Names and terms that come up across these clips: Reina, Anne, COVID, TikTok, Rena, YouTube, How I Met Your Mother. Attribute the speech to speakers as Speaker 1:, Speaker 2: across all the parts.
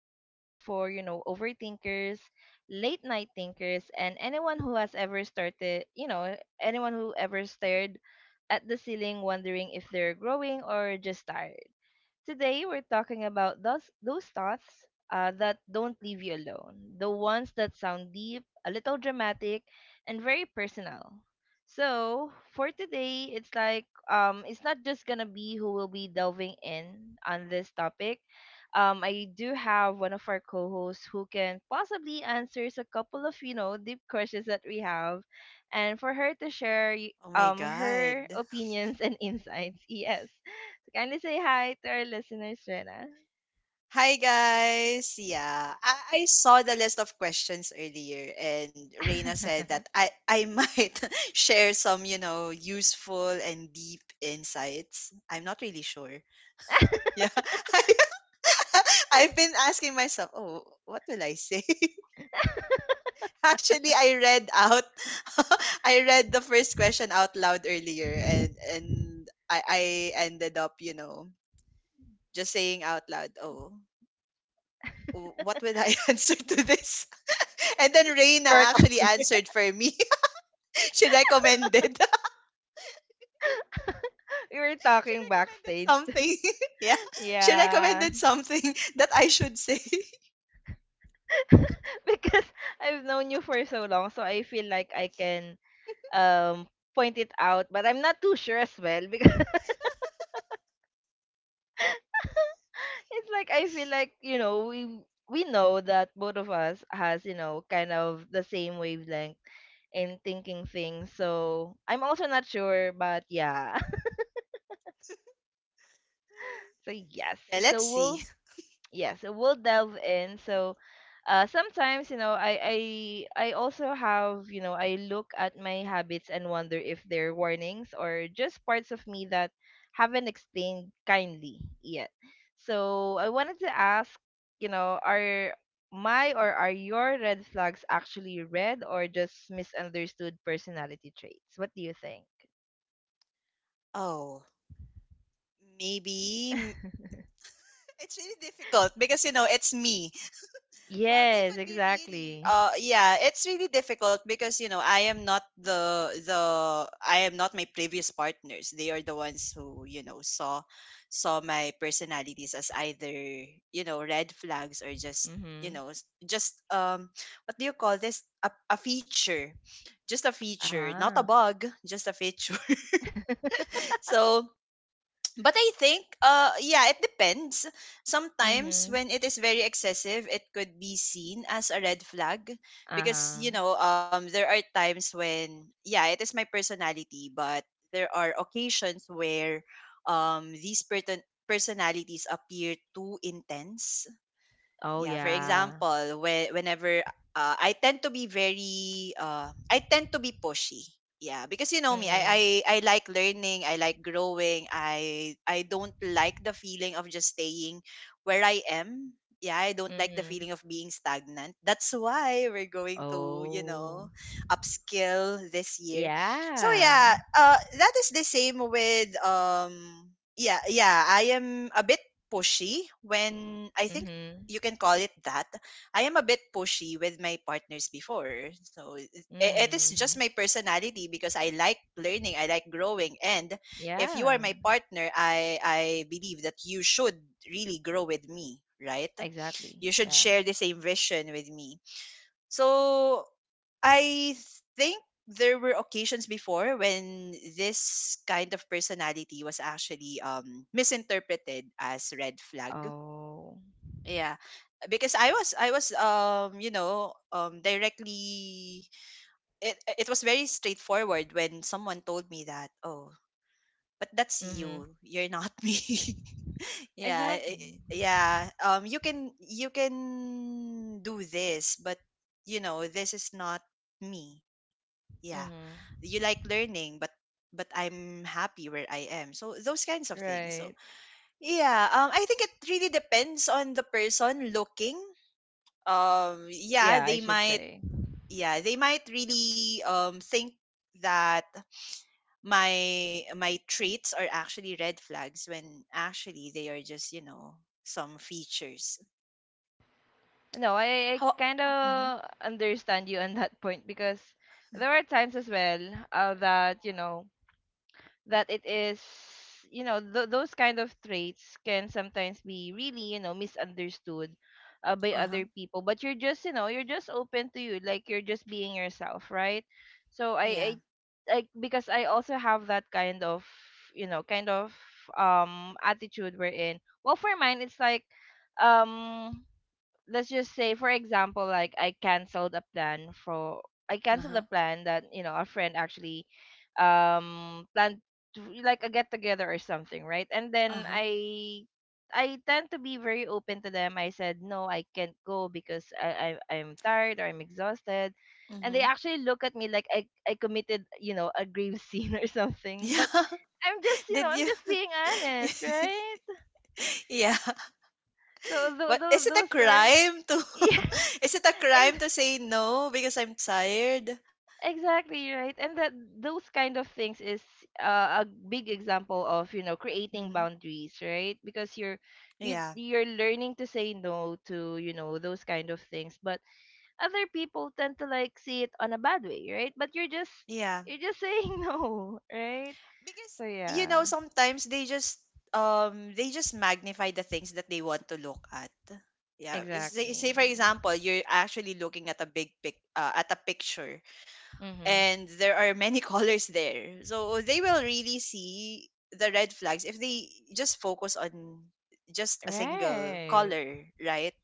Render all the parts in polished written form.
Speaker 1: a space for, overthinkers, late night thinkers, and anyone who has ever anyone who ever stared at the ceiling wondering if they're growing or just tired. Today we're talking about those thoughts that don't leave you alone, the ones that sound deep, a little dramatic, and very personal. So for today, it's not just gonna be who will be delving in on this topic. I do have one of our co-hosts who can possibly answers a couple of deep questions that we have, and for her to share
Speaker 2: Oh my God.
Speaker 1: her opinions and insights. Yes. Kindly say hi to our listeners, Rena.
Speaker 2: Hi guys. Yeah. I saw the list of questions earlier and Reina said that I might share some, you know, useful and deep insights. I'm not really sure. Yeah. I've been asking myself, oh, what will I say? Actually, I read out, I read the first question out loud earlier, and I ended up, you know, just saying out loud, oh, "What would I answer to this?" And then Reina
Speaker 1: Correct.
Speaker 2: actually answered for me. She recommended
Speaker 1: We were
Speaker 2: she
Speaker 1: talking
Speaker 2: recommended
Speaker 1: backstage.
Speaker 2: something. Yeah. She
Speaker 1: Yeah.
Speaker 2: recommended something that I should say.
Speaker 1: Because I've known you for so long, so I feel like I can um point it out, but I'm not too sure as well because it's like I feel like, you know, we know that both of us has, you know, kind of the same wavelength in thinking things. So I'm also not sure, but yeah. So yes.
Speaker 2: Yeah,
Speaker 1: So
Speaker 2: let's
Speaker 1: we'll
Speaker 2: see.
Speaker 1: Yes, so we'll delve in. So sometimes, you know, I also have, you know, I look at my habits and wonder if they're warnings or just parts of me that haven't explained kindly yet. So I wanted to ask, you know, are my, or are your red flags actually red or just misunderstood personality traits? What do you think?
Speaker 2: Oh, maybe it's really difficult because you know, it's me. Well, they
Speaker 1: Yes,
Speaker 2: could be really
Speaker 1: exactly.
Speaker 2: yeah, it's really difficult because you know, I am not the I am not my previous partners. They are the ones who, you know, saw my personalities as either, you know, red flags or just, you
Speaker 1: Mhm.
Speaker 2: know, just what do you call this? A feature. Just a feature, not a
Speaker 1: Uh-huh.
Speaker 2: bug, just a feature. So but I think yeah, it depends. Sometimes
Speaker 1: Mhm.
Speaker 2: when it is very excessive, it could be seen as a red flag because you
Speaker 1: Uh-huh.
Speaker 2: know, there are times when yeah, it is my personality, but there are occasions where these personalities appear too intense.
Speaker 1: Oh,
Speaker 2: Yeah, for
Speaker 1: yeah.
Speaker 2: example, whenever I tend to be very I tend to be pushy. Yeah, because you know me,
Speaker 1: Mhm.
Speaker 2: I like learning, I like growing. I don't like the feeling of just staying where I am. Yeah, I don't like the
Speaker 1: Mhm.
Speaker 2: feeling of being stagnant. That's why we're going to, you know,
Speaker 1: Oh.
Speaker 2: upskill this year. So yeah,
Speaker 1: Yeah.
Speaker 2: that is the same with yeah, yeah, I am a bit pushy when I think
Speaker 1: Mhm.
Speaker 2: you can call it that. I am a bit pushy with my partners before. So it is just
Speaker 1: Mhm.
Speaker 2: my personality because I like learning, I like growing and if you are
Speaker 1: Yeah.
Speaker 2: my partner, I believe that you should really grow with me, right?
Speaker 1: Exactly.
Speaker 2: You should
Speaker 1: Yeah.
Speaker 2: share the same vision with me. So I think there were occasions before when this kind of personality was actually misinterpreted as red flag.
Speaker 1: Oh.
Speaker 2: Yeah, because I was you know directly it was very straightforward when someone told me that oh but that's
Speaker 1: Mhm.
Speaker 2: you you're not me. Yeah,
Speaker 1: Exactly.
Speaker 2: yeah you can do this but you know this is not me. Yeah,
Speaker 1: Mhm.
Speaker 2: you like learning but I'm happy where I am so those kinds of things. So
Speaker 1: Right.
Speaker 2: yeah, I think it really depends on the person looking. um yeah
Speaker 1: Yeah, I
Speaker 2: they
Speaker 1: should
Speaker 2: might
Speaker 1: say.
Speaker 2: yeah they might really think that my my traits are actually red flags when actually they are just you know some features.
Speaker 1: No, I
Speaker 2: How?
Speaker 1: kind
Speaker 2: Mm-hmm,
Speaker 1: of understand you on that point because there are times as well, that, you know, that it is, you know, those kind of traits can sometimes be really, you know, misunderstood, by other
Speaker 2: uh-huh.
Speaker 1: people, but you're just, you know, you're just open to, you like, you're just being yourself, right? So I
Speaker 2: Yeah.
Speaker 1: like, because I also have that kind of, you know, kind of attitude, we're in. Well, for mine it's like, um let's just say for example like I canceled a
Speaker 2: Uh-huh.
Speaker 1: plan that, you know, a friend actually planned, to like a get together or something, right? And then
Speaker 2: Uh-huh.
Speaker 1: I tend to be very open to them. I said no, I can't go because I I'm tired or I'm exhausted. And they
Speaker 2: Mm-hmm.
Speaker 1: actually look at me like I committed, you know, a grave sin or something,
Speaker 2: Yeah.
Speaker 1: but I'm just, you know,
Speaker 2: Did
Speaker 1: I'm
Speaker 2: you
Speaker 1: just being honest, right?
Speaker 2: yeah,
Speaker 1: so th-
Speaker 2: but is
Speaker 1: th-
Speaker 2: it a
Speaker 1: those are
Speaker 2: crime to
Speaker 1: yeah.
Speaker 2: is it a crime to say no because I'm tired?
Speaker 1: Exactly right, and that those kind of things is a big example of, you know, creating
Speaker 2: Mm-hmm.
Speaker 1: boundaries, right? Because you
Speaker 2: Yeah.
Speaker 1: you're learning to say no to, you know, those kind of things, but other people tend to like see it on a bad way, right? But you're just,
Speaker 2: Yeah,
Speaker 1: you're just saying no, right?
Speaker 2: because
Speaker 1: So
Speaker 2: you
Speaker 1: yeah,
Speaker 2: know sometimes they just magnify the things that they want to look at. Yeah,
Speaker 1: exactly.
Speaker 2: say for example you're actually looking at a big pic at a picture
Speaker 1: Mhm.
Speaker 2: and there are many colors there. So they will really see the red flags if they just focus on just a single
Speaker 1: Right.
Speaker 2: color, right?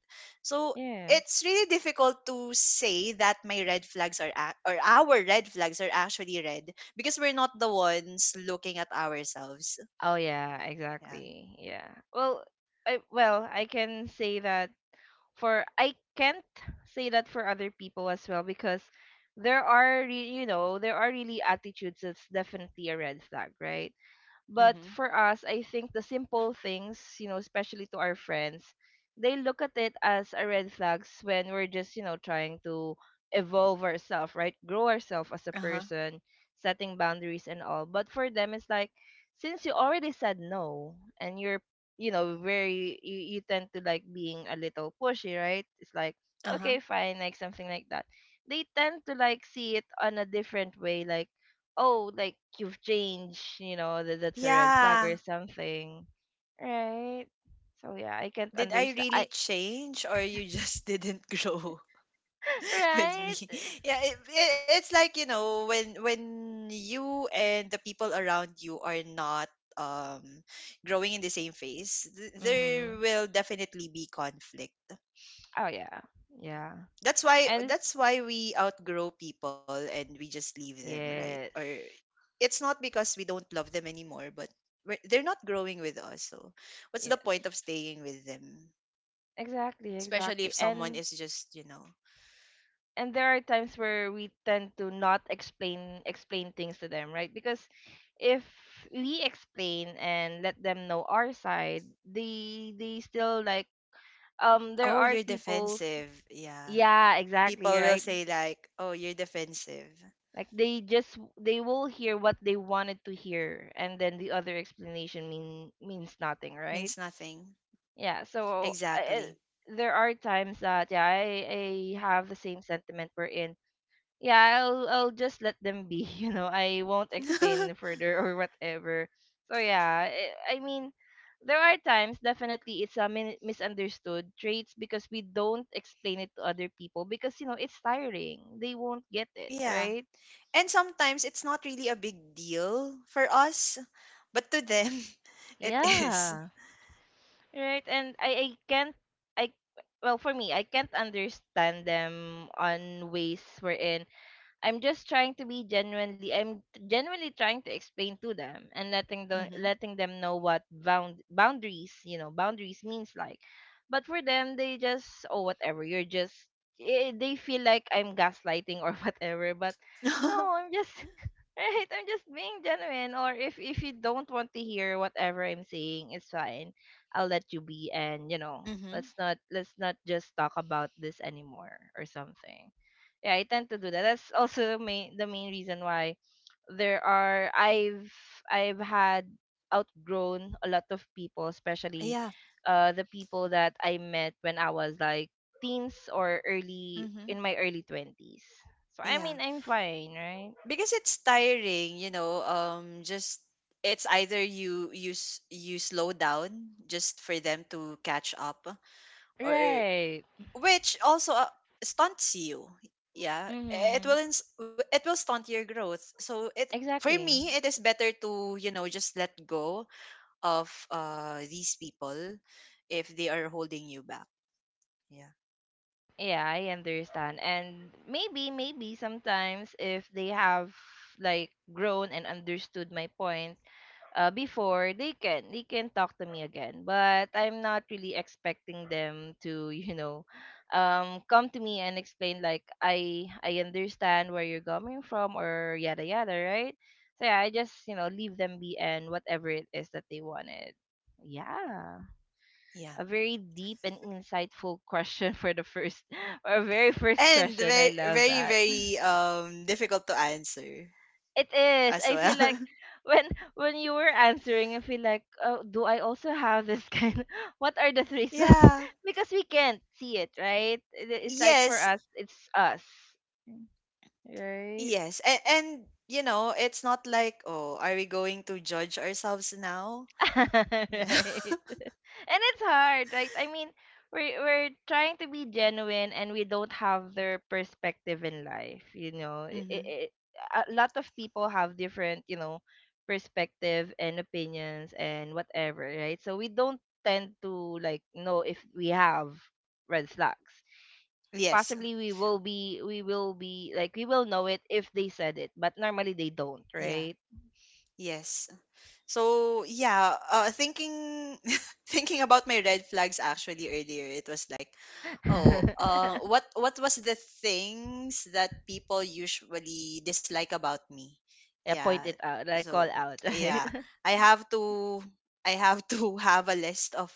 Speaker 2: So it's
Speaker 1: Yes.
Speaker 2: really difficult to say that my red flags are or our red flags are actually red because we're not the ones looking at ourselves.
Speaker 1: Oh yeah,
Speaker 2: Yeah.
Speaker 1: exactly. Yeah. Well, I can say that for I can't say that for other people as well, because there are, you know, there are really attitudes that's definitely a red flag, right? But
Speaker 2: Mm-hmm.
Speaker 1: for us, I think the simple things, you know, especially to our friends, they look at it as a red flags when we're just, you know, trying to evolve ourselves, right? Grow ourselves as a
Speaker 2: Uh-huh.
Speaker 1: person, setting boundaries and all. But for them, it's like, since you already said no and you know, very, you tend to like being a little pushy, right? It's like,
Speaker 2: Uh-huh.
Speaker 1: okay, fine, like something like that. They tend to like see it on a different way, like, oh, like you've changed, you know, that that's a red flag or
Speaker 2: Yeah.
Speaker 1: something, right? So yeah, I can't
Speaker 2: Did I
Speaker 1: understand
Speaker 2: really
Speaker 1: I
Speaker 2: change or you just didn't grow? With me.
Speaker 1: right.
Speaker 2: Yeah, it's like you know when you and the people around you are not um growing in the same phase, there
Speaker 1: Mm-hmm.
Speaker 2: will definitely be conflict.
Speaker 1: Oh yeah. Yeah. And
Speaker 2: That's why we outgrow people and we just leave them, right? Or
Speaker 1: yes,
Speaker 2: it's not because we don't love them anymore, but they're not growing with us. So what's the point of
Speaker 1: yes,
Speaker 2: staying with them?
Speaker 1: exactly,
Speaker 2: Especially
Speaker 1: exactly.
Speaker 2: if someone
Speaker 1: And
Speaker 2: is just you know,
Speaker 1: there are times where we tend to not explain things to them, right? Because if we explain and let them know our side, they still like, there
Speaker 2: oh,
Speaker 1: are
Speaker 2: you're
Speaker 1: people's.
Speaker 2: defensive. Yeah,
Speaker 1: Yeah, exactly,
Speaker 2: people will
Speaker 1: right?
Speaker 2: say like, "Oh, you're defensive."
Speaker 1: Like they just, they will hear what they wanted to hear and then the other explanation means nothing, right?
Speaker 2: Means nothing.
Speaker 1: Yeah, so
Speaker 2: Exactly.
Speaker 1: there are times that yeah, I have the same sentiment, we're in. Yeah, I'll just let them be, you know, I won't explain further or whatever. So yeah, I mean, there are times, definitely it's a misunderstood traits, because we don't explain it to other people because, you know, it's tiring, they won't get it,
Speaker 2: Yeah.
Speaker 1: right?
Speaker 2: And sometimes it's not really a big deal for us, but to them it is.
Speaker 1: Yeah, right. And I can't, I well, for me, I can't understand them on ways wherein I'm genuinely trying to explain to them and
Speaker 2: Mhm.
Speaker 1: letting them know what boundaries, you know, boundaries means like. But for them they just, oh whatever, they feel like I'm gaslighting or whatever, but no, I'm just right, I'm just being genuine. Or if you don't want to hear whatever I'm saying, it's fine. I'll let you be, and you know,
Speaker 2: Mhm.
Speaker 1: let's not just talk about this anymore or something. Yeah, I tend to do that. That's also the main reason why there are I've had outgrown a lot of people, especially
Speaker 2: Yeah.
Speaker 1: the people that I met when I was like teens or early in
Speaker 2: Mhm.
Speaker 1: my early 20s. So I mean,
Speaker 2: Yeah.
Speaker 1: I'm fine, right?
Speaker 2: Because it's tiring, you know, just it's either you slow down just for them to catch up or
Speaker 1: Right.
Speaker 2: which also stunts you. Yeah, it
Speaker 1: Mm-hmm.
Speaker 2: will it will stunt your growth. So it for
Speaker 1: Exactly.
Speaker 2: me it is better to you know just let go of these people if they are holding you back. Yeah.
Speaker 1: Yeah, I understand. And maybe, sometimes if they have like grown and understood my point, before, they can talk to me again. But I'm not really expecting them to you know, come to me and explain like I understand where you're coming from or yada yada, right? So yeah, I just, you know, leave them be and whatever it is that they wanted. Yeah.
Speaker 2: Yeah,
Speaker 1: A very deep and insightful question for the first, or very first
Speaker 2: and
Speaker 1: question, I
Speaker 2: very
Speaker 1: love
Speaker 2: very
Speaker 1: that.
Speaker 2: very difficult to answer
Speaker 1: It is.
Speaker 2: as
Speaker 1: I feel
Speaker 2: well.
Speaker 1: like when when you were answering, I feel like, oh, do I also have this kind? What are the threes that?
Speaker 2: Yeah.
Speaker 1: Because we can't see it, right? It- It's like for
Speaker 2: Yes.
Speaker 1: us, it's us, right?
Speaker 2: Yes, and you know it's not like oh are we going to judge ourselves now. Yeah.
Speaker 1: right. And it's hard, right? I mean, we're trying to be genuine and we don't have their perspective in life, you know,
Speaker 2: Hmm.
Speaker 1: a lot of people have different, you know, perspective and opinions and whatever, right? So we don't tend to like know if we have red flags.
Speaker 2: Yes.
Speaker 1: Possibly we will be, we will know it if they said it, but normally they don't,
Speaker 2: Yeah.
Speaker 1: right?
Speaker 2: Yes, so yeah, thinking thinking about my red flags actually earlier, it was like, oh, what was the things that people usually dislike about me?
Speaker 1: Yeah,
Speaker 2: Yeah,
Speaker 1: point it out, like call
Speaker 2: so
Speaker 1: out, right?
Speaker 2: yeah, I have to I have to have a list of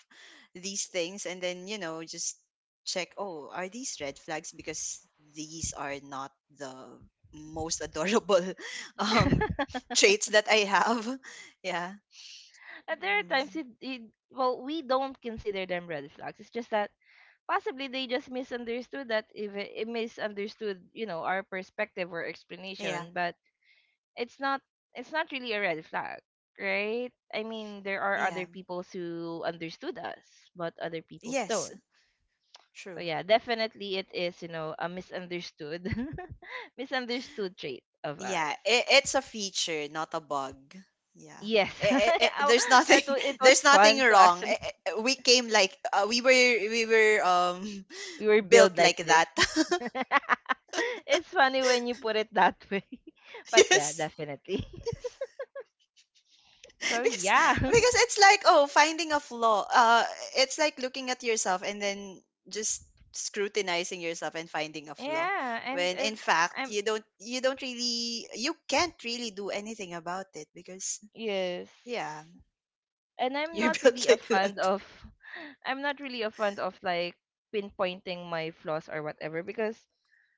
Speaker 2: these things, and then you know just check. Oh, are these red flags? Because these are not the most adorable um
Speaker 1: And
Speaker 2: traits that I have. Yeah.
Speaker 1: there are
Speaker 2: Mm,
Speaker 1: times well, we don't consider them red flags. It's just that possibly they just misunderstood that, if it, it misunderstood, you know, our perspective or
Speaker 2: yeah,
Speaker 1: explanation. But it's not, it's not really a red flag, right? I mean, there are other
Speaker 2: yeah.
Speaker 1: people who understood us, but other people
Speaker 2: Yes,
Speaker 1: don't. So
Speaker 2: true.
Speaker 1: yeah, definitely it is, you know, a misunderstood, misunderstood trait of us.
Speaker 2: Yeah, it, it's a feature, not a bug. Yeah.
Speaker 1: Yes. Aw,
Speaker 2: There's nothing
Speaker 1: it was
Speaker 2: there's nothing
Speaker 1: fun to
Speaker 2: wrong.
Speaker 1: actually,
Speaker 2: We came like we were
Speaker 1: we were built
Speaker 2: built
Speaker 1: like
Speaker 2: like
Speaker 1: this.
Speaker 2: that.
Speaker 1: It's funny when you put it that way. But yeah,
Speaker 2: Yes.
Speaker 1: definitely. So
Speaker 2: because
Speaker 1: yeah.
Speaker 2: because it's like oh finding a flaw it's like looking at yourself and then just scrutinizing yourself and finding a flaw
Speaker 1: Yeah,
Speaker 2: when in fact
Speaker 1: I'm
Speaker 2: you don't really you can't really do anything about it because
Speaker 1: yes.
Speaker 2: yeah
Speaker 1: And I'm
Speaker 2: you're
Speaker 1: not
Speaker 2: built
Speaker 1: really a
Speaker 2: like
Speaker 1: fan
Speaker 2: that.
Speaker 1: of I'm not really a fan of like pinpointing my flaws or whatever because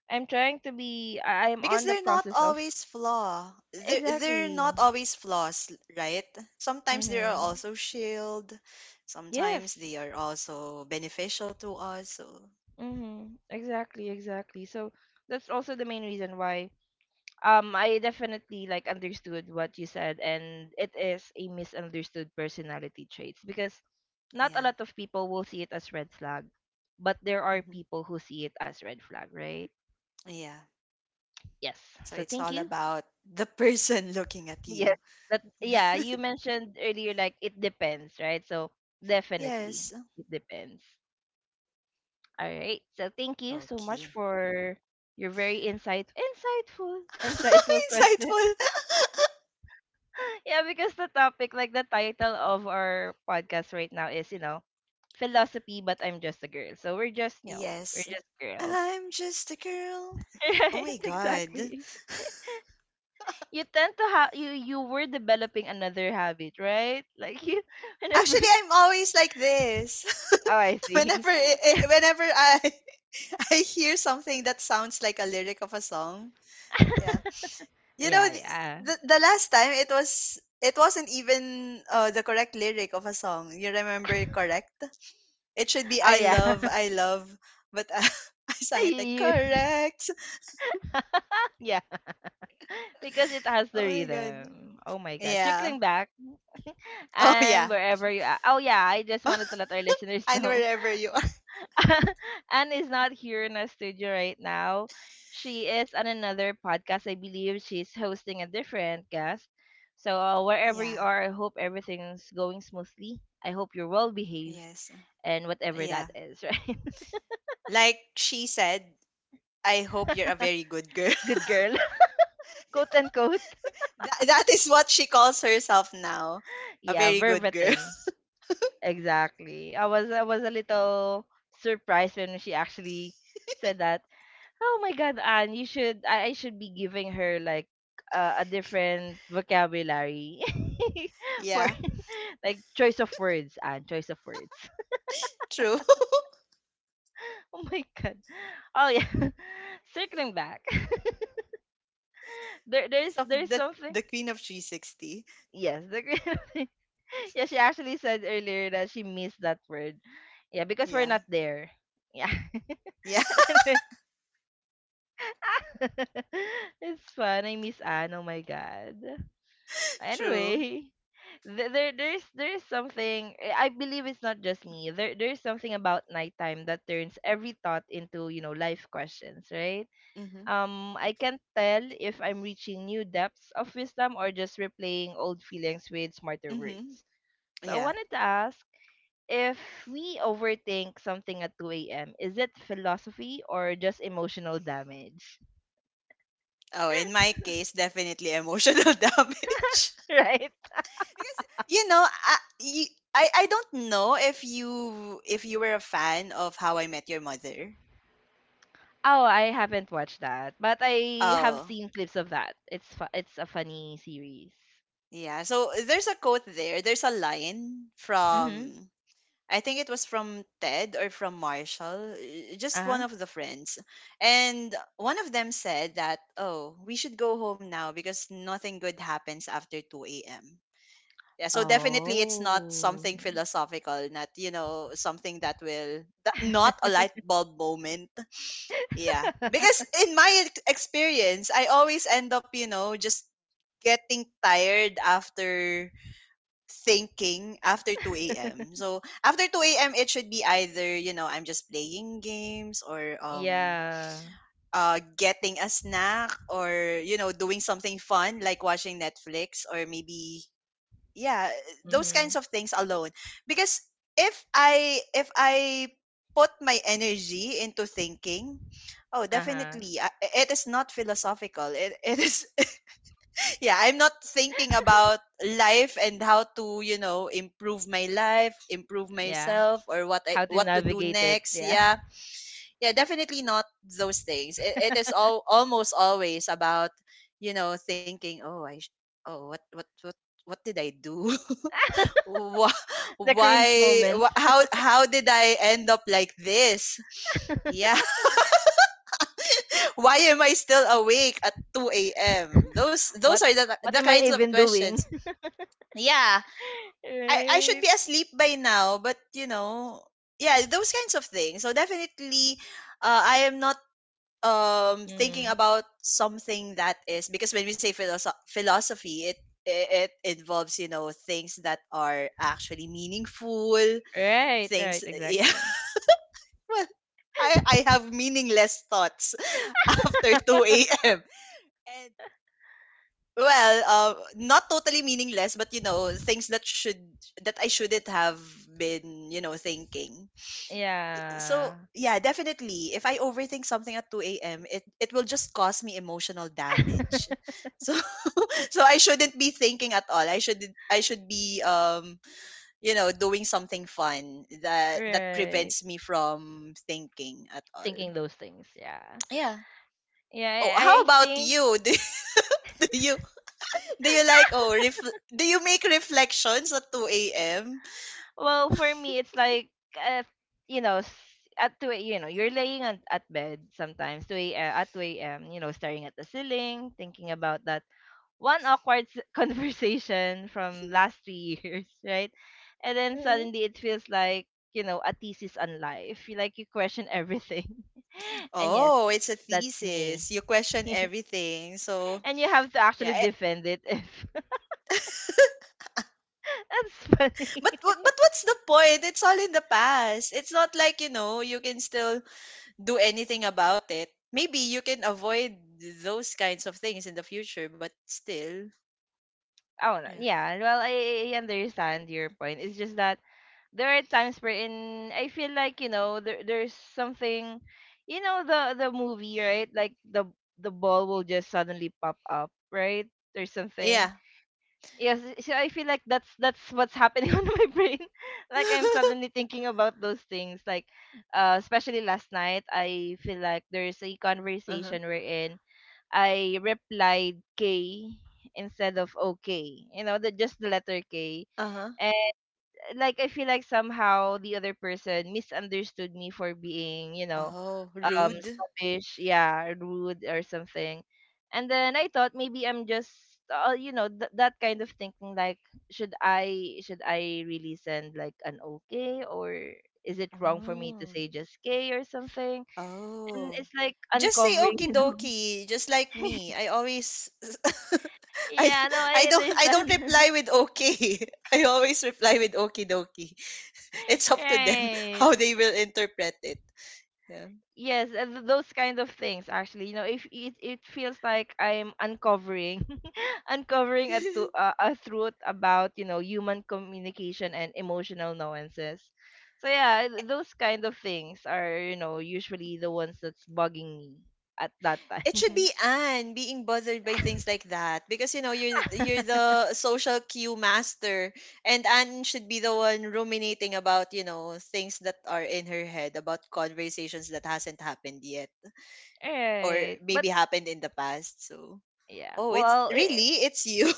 Speaker 1: I'm trying to be I- I'm
Speaker 2: Because
Speaker 1: on the
Speaker 2: they're not
Speaker 1: process of
Speaker 2: always flaw. They're
Speaker 1: exactly.
Speaker 2: not always flaws, right? Sometimes they are
Speaker 1: Mhm.
Speaker 2: also shield, sometimes
Speaker 1: Yes.
Speaker 2: they are also beneficial to us. So
Speaker 1: Mm-hmm. Exactly, exactly. So that's also the main reason why I definitely like understood what you said, and it is a misunderstood personality traits, because not a
Speaker 2: yeah.
Speaker 1: lot of people will see it as red flag, but there are
Speaker 2: Hmm.
Speaker 1: people who see it as red flag, right?
Speaker 2: Yeah.
Speaker 1: Yes.
Speaker 2: So
Speaker 1: So
Speaker 2: it's
Speaker 1: thank
Speaker 2: all
Speaker 1: you.
Speaker 2: about the person looking at
Speaker 1: Yes.
Speaker 2: you.
Speaker 1: That yeah, you mentioned earlier like it depends, right? So definitely
Speaker 2: Yes.
Speaker 1: it depends. All right. So thank you so much
Speaker 2: Okay.
Speaker 1: for your very insightful insightful question.
Speaker 2: Insightful.
Speaker 1: Yeah, because the topic, like the title of our podcast right now is, you know, philosophy but I'm just a girl. So we're just, you know, we're
Speaker 2: Yes.
Speaker 1: just girls.
Speaker 2: I'm just a girl. Oh
Speaker 1: right,
Speaker 2: my god.
Speaker 1: exactly. You tend to have, you were developing another habit, right? Like you whenever.
Speaker 2: Actually, I'm always like this.
Speaker 1: Oh, I see.
Speaker 2: Whenever
Speaker 1: Yeah.
Speaker 2: whenever I I hear something that sounds like a lyric of a song. Yeah. You know
Speaker 1: Yeah, yeah.
Speaker 2: the last time it wasn't even the correct lyric of a song. You remember correct? It should be
Speaker 1: Oh yeah.
Speaker 2: I love, but I, I sang
Speaker 1: you,
Speaker 2: it like
Speaker 1: you-
Speaker 2: correct.
Speaker 1: yeah. Because it
Speaker 2: Oh
Speaker 1: has the
Speaker 2: my god.
Speaker 1: rhythm. Oh my god.
Speaker 2: Yeah.
Speaker 1: Circling back
Speaker 2: Oh
Speaker 1: and
Speaker 2: yeah.
Speaker 1: wherever you are. Oh yeah, I just wanted to let our listeners
Speaker 2: And
Speaker 1: know.
Speaker 2: wherever you are.
Speaker 1: Anne is not here in our studio right now. She is on another podcast. I believe she's hosting a different guest. So wherever you
Speaker 2: Yeah.
Speaker 1: are, I hope everything's going smoothly. I hope you're well behaved
Speaker 2: Yes.
Speaker 1: and whatever that
Speaker 2: Yeah.
Speaker 1: is, right?
Speaker 2: Like she said, I hope you're a very good girl.
Speaker 1: Good girl. Quote unquote.
Speaker 2: That, that is what she calls herself now. A
Speaker 1: Yeah,
Speaker 2: very good girl.
Speaker 1: verbatim. Exactly. I was a little surprised when she actually said that. Oh my God, Anne, you should I should be giving her like a different vocabulary for
Speaker 2: Yeah.
Speaker 1: like choice of words, Anne, choice of words.
Speaker 2: True.
Speaker 1: Oh my God. Oh yeah. Circling back. there
Speaker 2: Because
Speaker 1: there's
Speaker 2: of
Speaker 1: there's something.
Speaker 2: the queen of 360.
Speaker 1: Yes, the green thing. Yeah, she actually said earlier that she missed that word. Yeah, because we're
Speaker 2: Yeah.
Speaker 1: not there. Yeah.
Speaker 2: Yeah.
Speaker 1: It's fun. I miss Anne. Oh my god.
Speaker 2: True.
Speaker 1: Anyway, there's something I believe it's not just me. There there's something about nighttime that turns every thought into, you know, life questions, right?
Speaker 2: Mhm.
Speaker 1: I can't tell if I'm reaching new depths of wisdom or just replaying old feelings with smarter words.
Speaker 2: Mhm.
Speaker 1: So I wanted
Speaker 2: Yeah.
Speaker 1: to ask if we overthink something at 2 a.m., is it philosophy or just emotional damage?
Speaker 2: Oh, in my case, definitely emotional damage.
Speaker 1: Right?
Speaker 2: Because you know, I, you, I don't know if you were a fan of How I Met Your Mother.
Speaker 1: Oh, I haven't watched that, but I have
Speaker 2: Oh,
Speaker 1: seen clips of that. It's a funny series.
Speaker 2: yeah. So there's a quote there. There's a line from
Speaker 1: Mhm.
Speaker 2: I think it was from Ted or from Marshall, just one
Speaker 1: Uh-huh.
Speaker 2: of the friends. And one of them said that, "Oh, we should go home now because nothing good happens after 2 a.m." Yeah, so definitely it's not
Speaker 1: Oh.
Speaker 2: something philosophical, not you know something that will that, not a light bulb moment. Yeah, because in my experience I always end up you know just getting tired after thinking after 2 a.m. So after 2 a.m. it should be either you know I'm just playing games or
Speaker 1: Yeah.
Speaker 2: getting a snack or you know doing something fun like watching Netflix or maybe yeah those
Speaker 1: Mhm.
Speaker 2: kinds of things alone because if I put my energy into thinking oh
Speaker 1: Uh-huh.
Speaker 2: definitely I, it is not philosophical, it is yeah I'm not thinking about life and how to you know improve my life improve
Speaker 1: Yeah.
Speaker 2: myself or what I
Speaker 1: How to
Speaker 2: what to do
Speaker 1: navigate it.
Speaker 2: next.
Speaker 1: Yeah.
Speaker 2: Yeah. Yeah, definitely not those things. It is all almost always about you know thinking oh oh what did I do? Wha
Speaker 1: The
Speaker 2: why
Speaker 1: cringe moments.
Speaker 2: wha how did I end up like this? Yeah. Why am I still awake at 2 a.m.? Those
Speaker 1: what
Speaker 2: are
Speaker 1: what
Speaker 2: the
Speaker 1: am I
Speaker 2: kinds of
Speaker 1: even
Speaker 2: questions.
Speaker 1: doing?
Speaker 2: Yeah. I should
Speaker 1: Right.
Speaker 2: be asleep by now, but you know, yeah, those kinds of things. So definitely I am not thinking
Speaker 1: Mm.
Speaker 2: about something that is because when we say philosophy, it involves, you know, things that are actually meaningful,
Speaker 1: Right,
Speaker 2: things
Speaker 1: right, exactly.
Speaker 2: well, I have meaningless thoughts after 2 a.m. And well, not totally meaningless, but you know, things that should that I shouldn't have been, you know, thinking. So
Speaker 1: Yeah.
Speaker 2: yeah, definitely. If I overthink something at 2 a.m., it will just cause me emotional damage. So so I shouldn't be thinking at all. I should be you know doing something fun that
Speaker 1: Right.
Speaker 2: prevents me from thinking at all.
Speaker 1: Thinking those things, yeah.
Speaker 2: Yeah. Oh,
Speaker 1: Yeah, I, I
Speaker 2: how
Speaker 1: I
Speaker 2: about
Speaker 1: think.
Speaker 2: you? Do you do you like do you make reflections at 2 a.m.?
Speaker 1: Well, for me, it's like uh, you know, at two, you know, you're laying on, at bed sometimes two a, at two a.m. You know, staring at the ceiling, thinking about that one awkward conversation from last three years, right? And then
Speaker 2: Mm-mm.
Speaker 1: suddenly it feels like you know a thesis on life. You like you question everything, and yes,
Speaker 2: Oh, it's a
Speaker 1: that's me.
Speaker 2: thesis. You question everything. So,
Speaker 1: And you have to
Speaker 2: yeah.
Speaker 1: actually defend it if that's funny.
Speaker 2: But what's the point? It's all in the past. It's not like, you know, you can still do anything about it. Maybe you can avoid those kinds of things in the future, but still.
Speaker 1: Oh, no,
Speaker 2: Yeah.
Speaker 1: yeah. Well, I understand your point. It's just that there are times wherein I feel like you know there's something, you know the movie right like the ball will just suddenly pop up right or
Speaker 2: Yeah.
Speaker 1: something. Yes, so I feel like that's what's happening on my brain. Like I'm suddenly thinking about those things. Like, especially last night, I feel like there's a
Speaker 2: uh-huh.
Speaker 1: conversation wherein I replied K instead of okay. You know, the just the letter K,
Speaker 2: Uh-huh.
Speaker 1: like I feel like somehow the other person misunderstood me for being, you know,
Speaker 2: Oh, rude.
Speaker 1: snobbish, yeah, rude or something. And then I thought maybe I'm just you know that kind of thinking like should I really send like an okay or is it wrong for me to
Speaker 2: Oh.
Speaker 1: say just K or something? And
Speaker 2: Oh.
Speaker 1: it's like
Speaker 2: Just say
Speaker 1: uncovering,
Speaker 2: okie
Speaker 1: you know.
Speaker 2: dokie, just like me. I always I
Speaker 1: Yeah, no,
Speaker 2: I
Speaker 1: I
Speaker 2: don't I don't
Speaker 1: understand.
Speaker 2: reply with okay. I always reply with okie dokie. It's up to them
Speaker 1: Right.
Speaker 2: how they will interpret it. Yeah.
Speaker 1: Yes, those kind of things actually. You know, if it it feels like I'm uncovering, uncovering a to a truth about you know human communication and emotional nuances. So yeah, those kind of things are you know usually the ones that's bugging me at that
Speaker 2: It should be
Speaker 1: time.
Speaker 2: Anne being bothered by things like that, because you know you're the social cue master, and Anne should be the one ruminating about you know things that are in her head about conversations that hasn't happened yet or
Speaker 1: Right. But
Speaker 2: maybe happened in the past. So,
Speaker 1: yeah,
Speaker 2: oh, it's
Speaker 1: well, it,
Speaker 2: really it's you.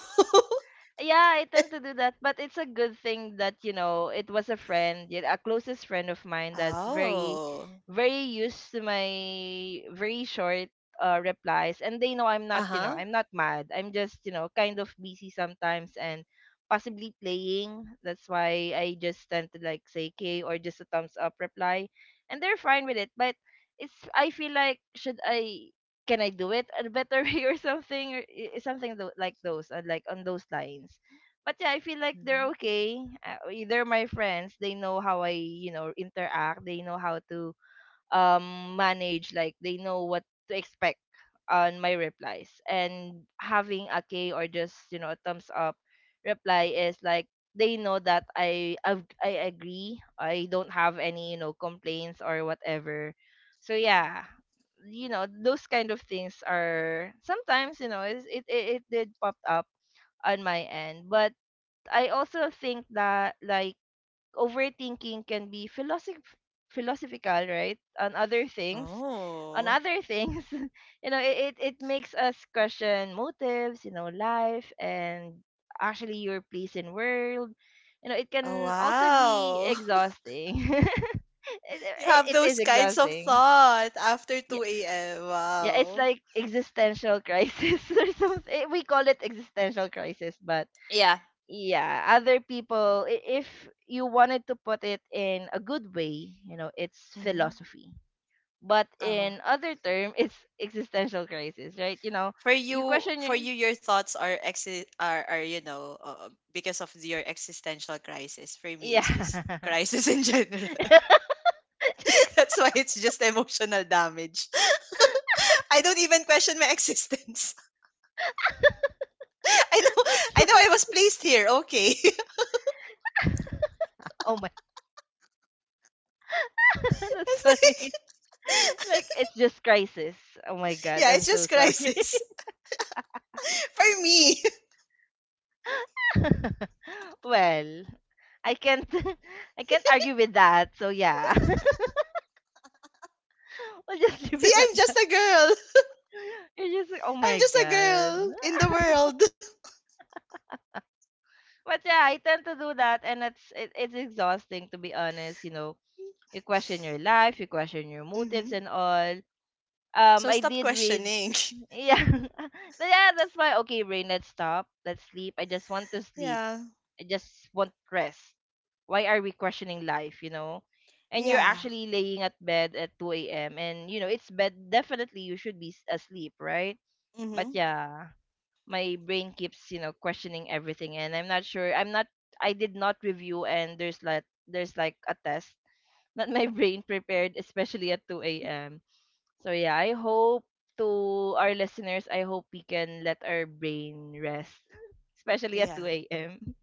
Speaker 1: Yeah, I tend to do that, but it's a good thing that you know it was a friend, yeah, a closest friend of mine that's very,
Speaker 2: oh,
Speaker 1: very used to my very short replies, and they know I'm not,
Speaker 2: uh
Speaker 1: you know,
Speaker 2: huh.
Speaker 1: I'm not mad. I'm just, you know, kind of busy sometimes and possibly playing. That's why I just tend to like say K or just a thumbs up reply, and they're fine with it. But it's I feel like should I can I do it a better way or something or like those like on those lines. But yeah, I feel like they're
Speaker 2: Hmm.
Speaker 1: okay. Either my friends, they know how I you know interact. They know how to manage. Like they know what to expect on my replies. And having a K or just you know a thumbs up reply is like they know that I agree. I don't have any you know complaints or whatever. So yeah, you know those kind of things are sometimes you know it it did pop up on my end but I also think that like overthinking can be philosophical right on
Speaker 2: Oh,
Speaker 1: other things you know it it makes us question motives you know life and actually your place in world, you know it
Speaker 2: oh
Speaker 1: can also be
Speaker 2: wow.
Speaker 1: exhausting
Speaker 2: You have
Speaker 1: it is
Speaker 2: those kinds of
Speaker 1: exhausting.
Speaker 2: thought after 2 a.m.
Speaker 1: Yeah, it's
Speaker 2: Wow.
Speaker 1: like existential crisis or something. We call it existential crisis, but
Speaker 2: Yeah.
Speaker 1: yeah, other people, if you wanted to put it in a good way, you know, it's
Speaker 2: Hmm.
Speaker 1: philosophy. But
Speaker 2: Oh.
Speaker 1: in other term, it's existential crisis, right? You know, you question your
Speaker 2: For you, your thoughts are are you know because of your existential crisis. For me, it's just
Speaker 1: yeah.
Speaker 2: crisis in general.
Speaker 1: Just,
Speaker 2: That's why it's just emotional damage. I don't even question my existence. I know
Speaker 1: that's
Speaker 2: I know I
Speaker 1: funny.
Speaker 2: was placed here. Okay.
Speaker 1: Oh my, that's
Speaker 2: It's like
Speaker 1: funny. Like it's just crisis. Oh my god,
Speaker 2: yeah,
Speaker 1: I'm
Speaker 2: it's
Speaker 1: so
Speaker 2: just
Speaker 1: sorry.
Speaker 2: crisis for me.
Speaker 1: Well, I can't I can't argue with that. So yeah. We'll just leave
Speaker 2: See,
Speaker 1: it at
Speaker 2: I'm
Speaker 1: that.
Speaker 2: just a girl.
Speaker 1: You're just like, oh
Speaker 2: I'm
Speaker 1: my
Speaker 2: just a
Speaker 1: god.
Speaker 2: girl in the world.
Speaker 1: But yeah, I tend to do that and it's it's exhausting to be honest, you know. You question your life, you question your
Speaker 2: Hmm.
Speaker 1: motives and all.
Speaker 2: So
Speaker 1: I
Speaker 2: stop
Speaker 1: did read
Speaker 2: questioning.
Speaker 1: yeah. Yeah, that's why okay, Rain, let's stop. Let's sleep. I just want to sleep.
Speaker 2: Yeah.
Speaker 1: I just want rest. Why are we questioning life, you know? And you're
Speaker 2: Yeah.
Speaker 1: actually laying at bed at 2 a.m. And, you know, it's bed. Definitely you should be asleep, right? But
Speaker 2: Hmm.
Speaker 1: yeah, my brain keeps, you know, questioning everything. And I'm not sure. I did not review. And there's like a test that my brain prepared, especially at 2 a.m. So yeah, I hope to our listeners, I hope we can let our brain rest, especially at
Speaker 2: Yeah.
Speaker 1: 2 a.m.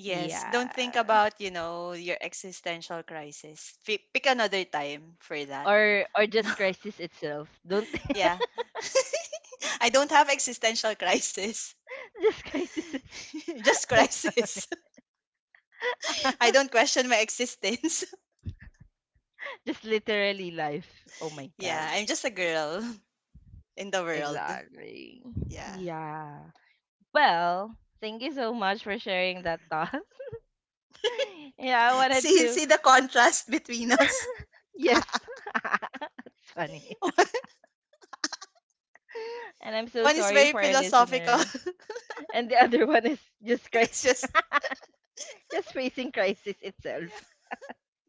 Speaker 2: Yes. Don't think
Speaker 1: Yeah.
Speaker 2: about, you know, your existential crisis. Pick another time for that.
Speaker 1: Or just crisis itself. Don't
Speaker 2: yeah. I don't have existential crisis.
Speaker 1: just crisis itself.
Speaker 2: Just crisis. I don't question my existence.
Speaker 1: Just literally life. Oh my
Speaker 2: Yeah,
Speaker 1: god.
Speaker 2: I'm just a girl in the world.
Speaker 1: Exactly.
Speaker 2: Yeah.
Speaker 1: Yeah. Well, thank you so much for sharing that thought. Yeah, I wanted
Speaker 2: See
Speaker 1: to.
Speaker 2: the contrast between us.
Speaker 1: Yes. It's funny.
Speaker 2: One
Speaker 1: And I'm so
Speaker 2: one is
Speaker 1: sorry
Speaker 2: very
Speaker 1: for our
Speaker 2: philosophical.
Speaker 1: listener. And the other one is just
Speaker 2: it's
Speaker 1: crisis.
Speaker 2: just
Speaker 1: Just facing crisis itself.
Speaker 2: yeah.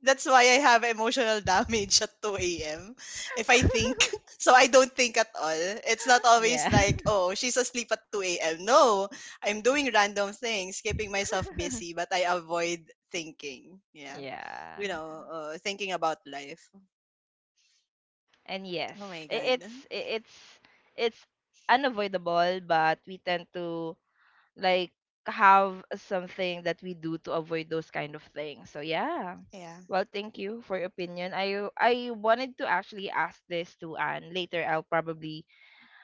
Speaker 2: That's why I have emotional damage at 2 a.m. if I think. So I don't think at all. It's not
Speaker 1: Yeah.
Speaker 2: always like, oh, she's asleep at 2 a.m. No, I'm doing random things, keeping myself busy, but I avoid thinking. Yeah.
Speaker 1: Yeah.
Speaker 2: You know, thinking about life.
Speaker 1: And
Speaker 2: Oh
Speaker 1: yes,
Speaker 2: my
Speaker 1: i-
Speaker 2: God.
Speaker 1: it's i- it's it's unavoidable, but we tend to like have something that we do to avoid those kind of things. So yeah.
Speaker 2: Yeah.
Speaker 1: Well, thank you for your opinion. I wanted to actually ask this to Anne. Later, I'll probably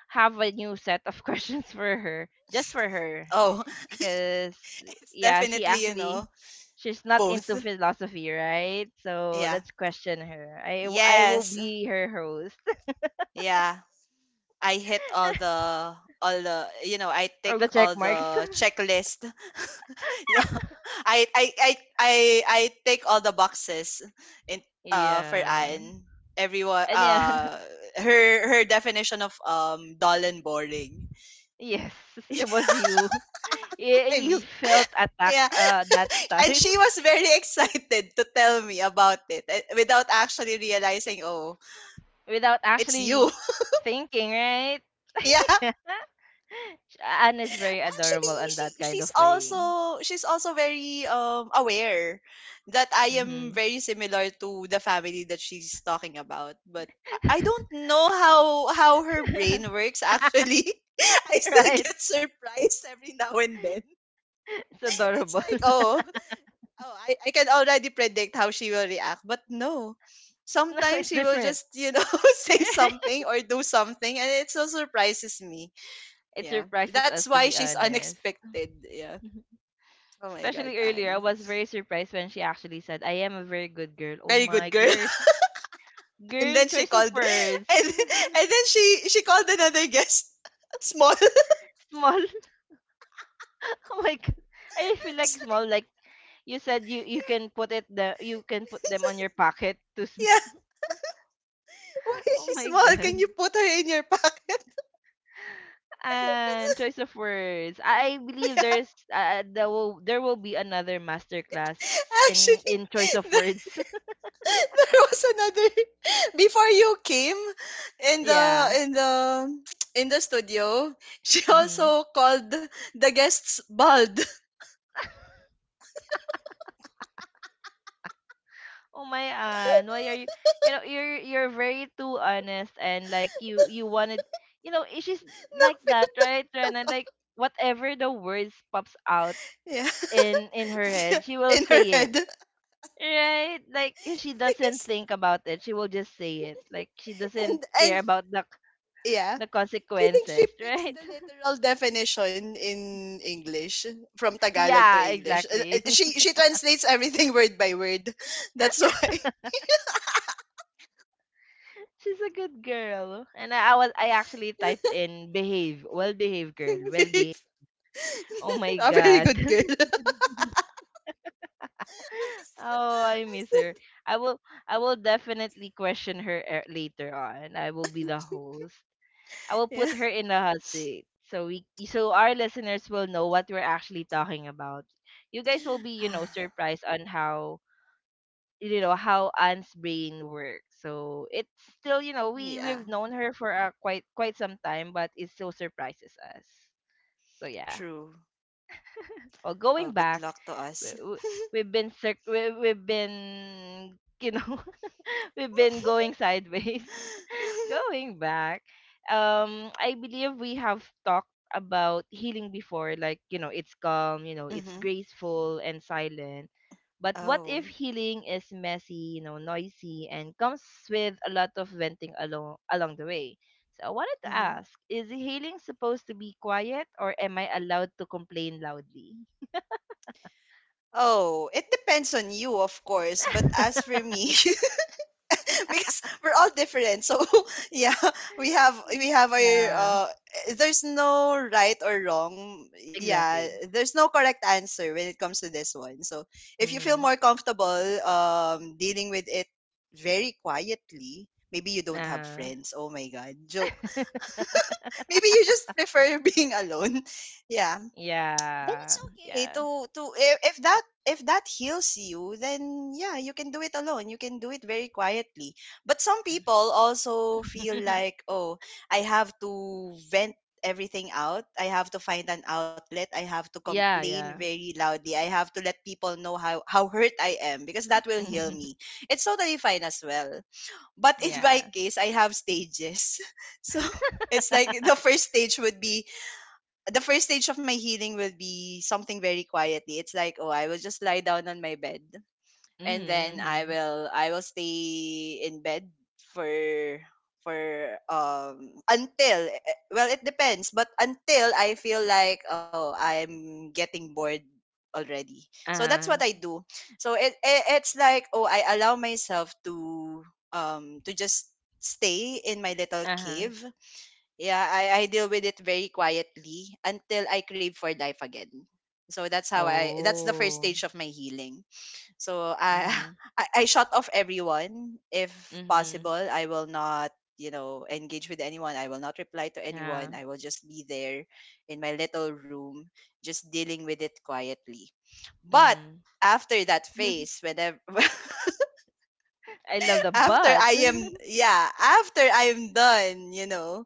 Speaker 1: have a new set of questions for her, just for her,
Speaker 2: Oh,
Speaker 1: because
Speaker 2: it's
Speaker 1: yeah,
Speaker 2: definitely, you know,
Speaker 1: she's not into
Speaker 2: both.
Speaker 1: philosophy, right? So
Speaker 2: Yeah.
Speaker 1: let's question her. I will
Speaker 2: Yes.
Speaker 1: be her host.
Speaker 2: Yeah. I hit all the, you know, I
Speaker 1: All
Speaker 2: take
Speaker 1: the
Speaker 2: all
Speaker 1: check marks.
Speaker 2: the checklist. yeah. I take all the boxes in, for
Speaker 1: Yeah.
Speaker 2: Anne. Everyone,
Speaker 1: And yeah,
Speaker 2: her definition of dull and boring.
Speaker 1: yes, it was you.
Speaker 2: I
Speaker 1: Y- You
Speaker 2: mean,
Speaker 1: felt attacked
Speaker 2: yeah.
Speaker 1: that
Speaker 2: And
Speaker 1: time
Speaker 2: she was very excited to tell me about it without actually realizing, oh,
Speaker 1: without
Speaker 2: it's you.
Speaker 1: actually thinking, right?
Speaker 2: yeah.
Speaker 1: Yeah. Anne is very
Speaker 2: Actually,
Speaker 1: adorable in that kind of way.
Speaker 2: she's also very aware that I am
Speaker 1: Hmm.
Speaker 2: very similar to the family that she's talking about, but I don't know how her brain works actually. I still
Speaker 1: Right?
Speaker 2: get surprised every now and then.
Speaker 1: It's
Speaker 2: It's
Speaker 1: adorable.
Speaker 2: like, oh, oh, I can already predict how she will react, but no.
Speaker 1: No,
Speaker 2: Sometimes
Speaker 1: it's
Speaker 2: she will
Speaker 1: different.
Speaker 2: just, you know, say something or do something, and it so surprises me.
Speaker 1: It
Speaker 2: Yeah.
Speaker 1: surprises
Speaker 2: That's
Speaker 1: us, to
Speaker 2: why
Speaker 1: be
Speaker 2: she's
Speaker 1: honest.
Speaker 2: unexpected. Yeah. Oh my God,
Speaker 1: Especially earlier, I
Speaker 2: Anne.
Speaker 1: was very surprised when she actually said, I am a very good girl. Oh
Speaker 2: Very
Speaker 1: my
Speaker 2: good girl.
Speaker 1: girl.
Speaker 2: And
Speaker 1: Girl,
Speaker 2: then she
Speaker 1: choice of
Speaker 2: called,
Speaker 1: words.
Speaker 2: and, and then she called another guest small.
Speaker 1: Small. Oh my god. I
Speaker 2: I
Speaker 1: feel
Speaker 2: was
Speaker 1: like
Speaker 2: like,
Speaker 1: small. Like you said, you can put it the you can put them on your pocket to small.
Speaker 2: yeah. Why is
Speaker 1: Oh
Speaker 2: she
Speaker 1: my
Speaker 2: small? Can
Speaker 1: god.
Speaker 2: you put her in your pocket? And
Speaker 1: And
Speaker 2: so,
Speaker 1: choice of words. I believe
Speaker 2: yeah.
Speaker 1: there's there will be another masterclass
Speaker 2: Actually,
Speaker 1: in choice of
Speaker 2: the
Speaker 1: words.
Speaker 2: there was another before you came in the
Speaker 1: Yeah.
Speaker 2: in the in the studio she
Speaker 1: Mm-hmm.
Speaker 2: also called the guests bald
Speaker 1: Oh my god. Why are you? You know, you're very too honest and like you wanted. You know, she's
Speaker 2: no
Speaker 1: like that,
Speaker 2: filter
Speaker 1: right, Rena? Like whatever the words pops out
Speaker 2: yeah
Speaker 1: in her head, she will
Speaker 2: in her
Speaker 1: say it.
Speaker 2: head
Speaker 1: Right? Like she doesn't
Speaker 2: Yes.
Speaker 1: think about it. She will just say it. Like she doesn't
Speaker 2: And
Speaker 1: care about
Speaker 2: yeah,
Speaker 1: the
Speaker 2: I think she
Speaker 1: consequences,
Speaker 2: picks the
Speaker 1: right?
Speaker 2: literal definition in English from Tagalog to
Speaker 1: Yeah,
Speaker 2: English.
Speaker 1: exactly.
Speaker 2: She translates everything word by word. That's why.
Speaker 1: She's a good girl. And I was I actually typed in behave, well-behaved girl, well-behaved. Oh my
Speaker 2: A very
Speaker 1: god.
Speaker 2: good girl. I said,
Speaker 1: Oh, I miss her. I will I will definitely question her later on. I will be the host. I will put
Speaker 2: yeah.
Speaker 1: her in the hot seat so we so our listeners will know what we're actually talking about. You guys will be, you know,
Speaker 2: Ah,
Speaker 1: surprised on how you know how Anne's brain works. So it's still, you know,
Speaker 2: yeah,
Speaker 1: we've known her for quite some time, but it still surprises us. So yeah.
Speaker 2: true.
Speaker 1: Well, going
Speaker 2: Oh, good
Speaker 1: back,
Speaker 2: luck to
Speaker 1: we,
Speaker 2: us.
Speaker 1: we- we've been we've been you know we've been going sideways going back, I believe we have talked about healing before, like, you know, it's calm, you know, it's
Speaker 2: Mm-hmm.
Speaker 1: graceful and silent. But what if
Speaker 2: Oh.
Speaker 1: healing is messy, you know, noisy, and comes with a lot of venting along the way? So I wanted to
Speaker 2: Mm-hmm.
Speaker 1: ask, is healing supposed to be quiet, or am I allowed to complain loudly?
Speaker 2: Oh, it depends on you, of course. But as for me, because we're all different. So yeah, we have our
Speaker 1: Yeah.
Speaker 2: there's no right or wrong. Yeah,
Speaker 1: Exactly.
Speaker 2: there's no correct answer when it comes to this one. So if you feel
Speaker 1: Mm-hmm.
Speaker 2: more comfortable dealing with it very quietly, maybe you don't have
Speaker 1: Uh,
Speaker 2: friends. Oh my god, joke. Maybe you just prefer being alone. Yeah, then it's
Speaker 1: yeah.
Speaker 2: okay
Speaker 1: Yeah.
Speaker 2: to if that heals you, then yeah, you can do it alone, you can do it very quietly. But some people also feel like, oh, I have to vent everything out, I have to find an outlet, I have to
Speaker 1: Yeah,
Speaker 2: complain
Speaker 1: yeah.
Speaker 2: very loudly, I have to let people know how hurt I am because that will heal
Speaker 1: Mhm.
Speaker 2: me. It's totally fine as well, but in my
Speaker 1: Yeah.
Speaker 2: case I have stages. So it's like the first stage would be the first stage of my healing will be something very quietly. It's like, oh, I will just lie down on my bed,
Speaker 1: Mhm,
Speaker 2: and then
Speaker 1: mhm.
Speaker 2: I will stay in bed for for until well, it depends, but until I feel like, oh, I'm getting bored already. So that's what I
Speaker 1: Uh-huh.
Speaker 2: do. So it's like, oh, I allow myself to just stay in my little
Speaker 1: Uh-huh.
Speaker 2: cave. Yeah, I deal with it very quietly until I crave for life again. So that's how I that's the first
Speaker 1: Oh.
Speaker 2: stage of my healing. So I
Speaker 1: Mhm.
Speaker 2: I shut off everyone if possible.
Speaker 1: Mhm.
Speaker 2: I will not, you know, engage with anyone. I will not reply to
Speaker 1: Yeah.
Speaker 2: anyone. I will just be there in my little room, just dealing with it quietly. But
Speaker 1: Mhm.
Speaker 2: after that phase, whenever
Speaker 1: I love the
Speaker 2: after
Speaker 1: butt.
Speaker 2: I
Speaker 1: But.
Speaker 2: am yeah, after I am done, you know,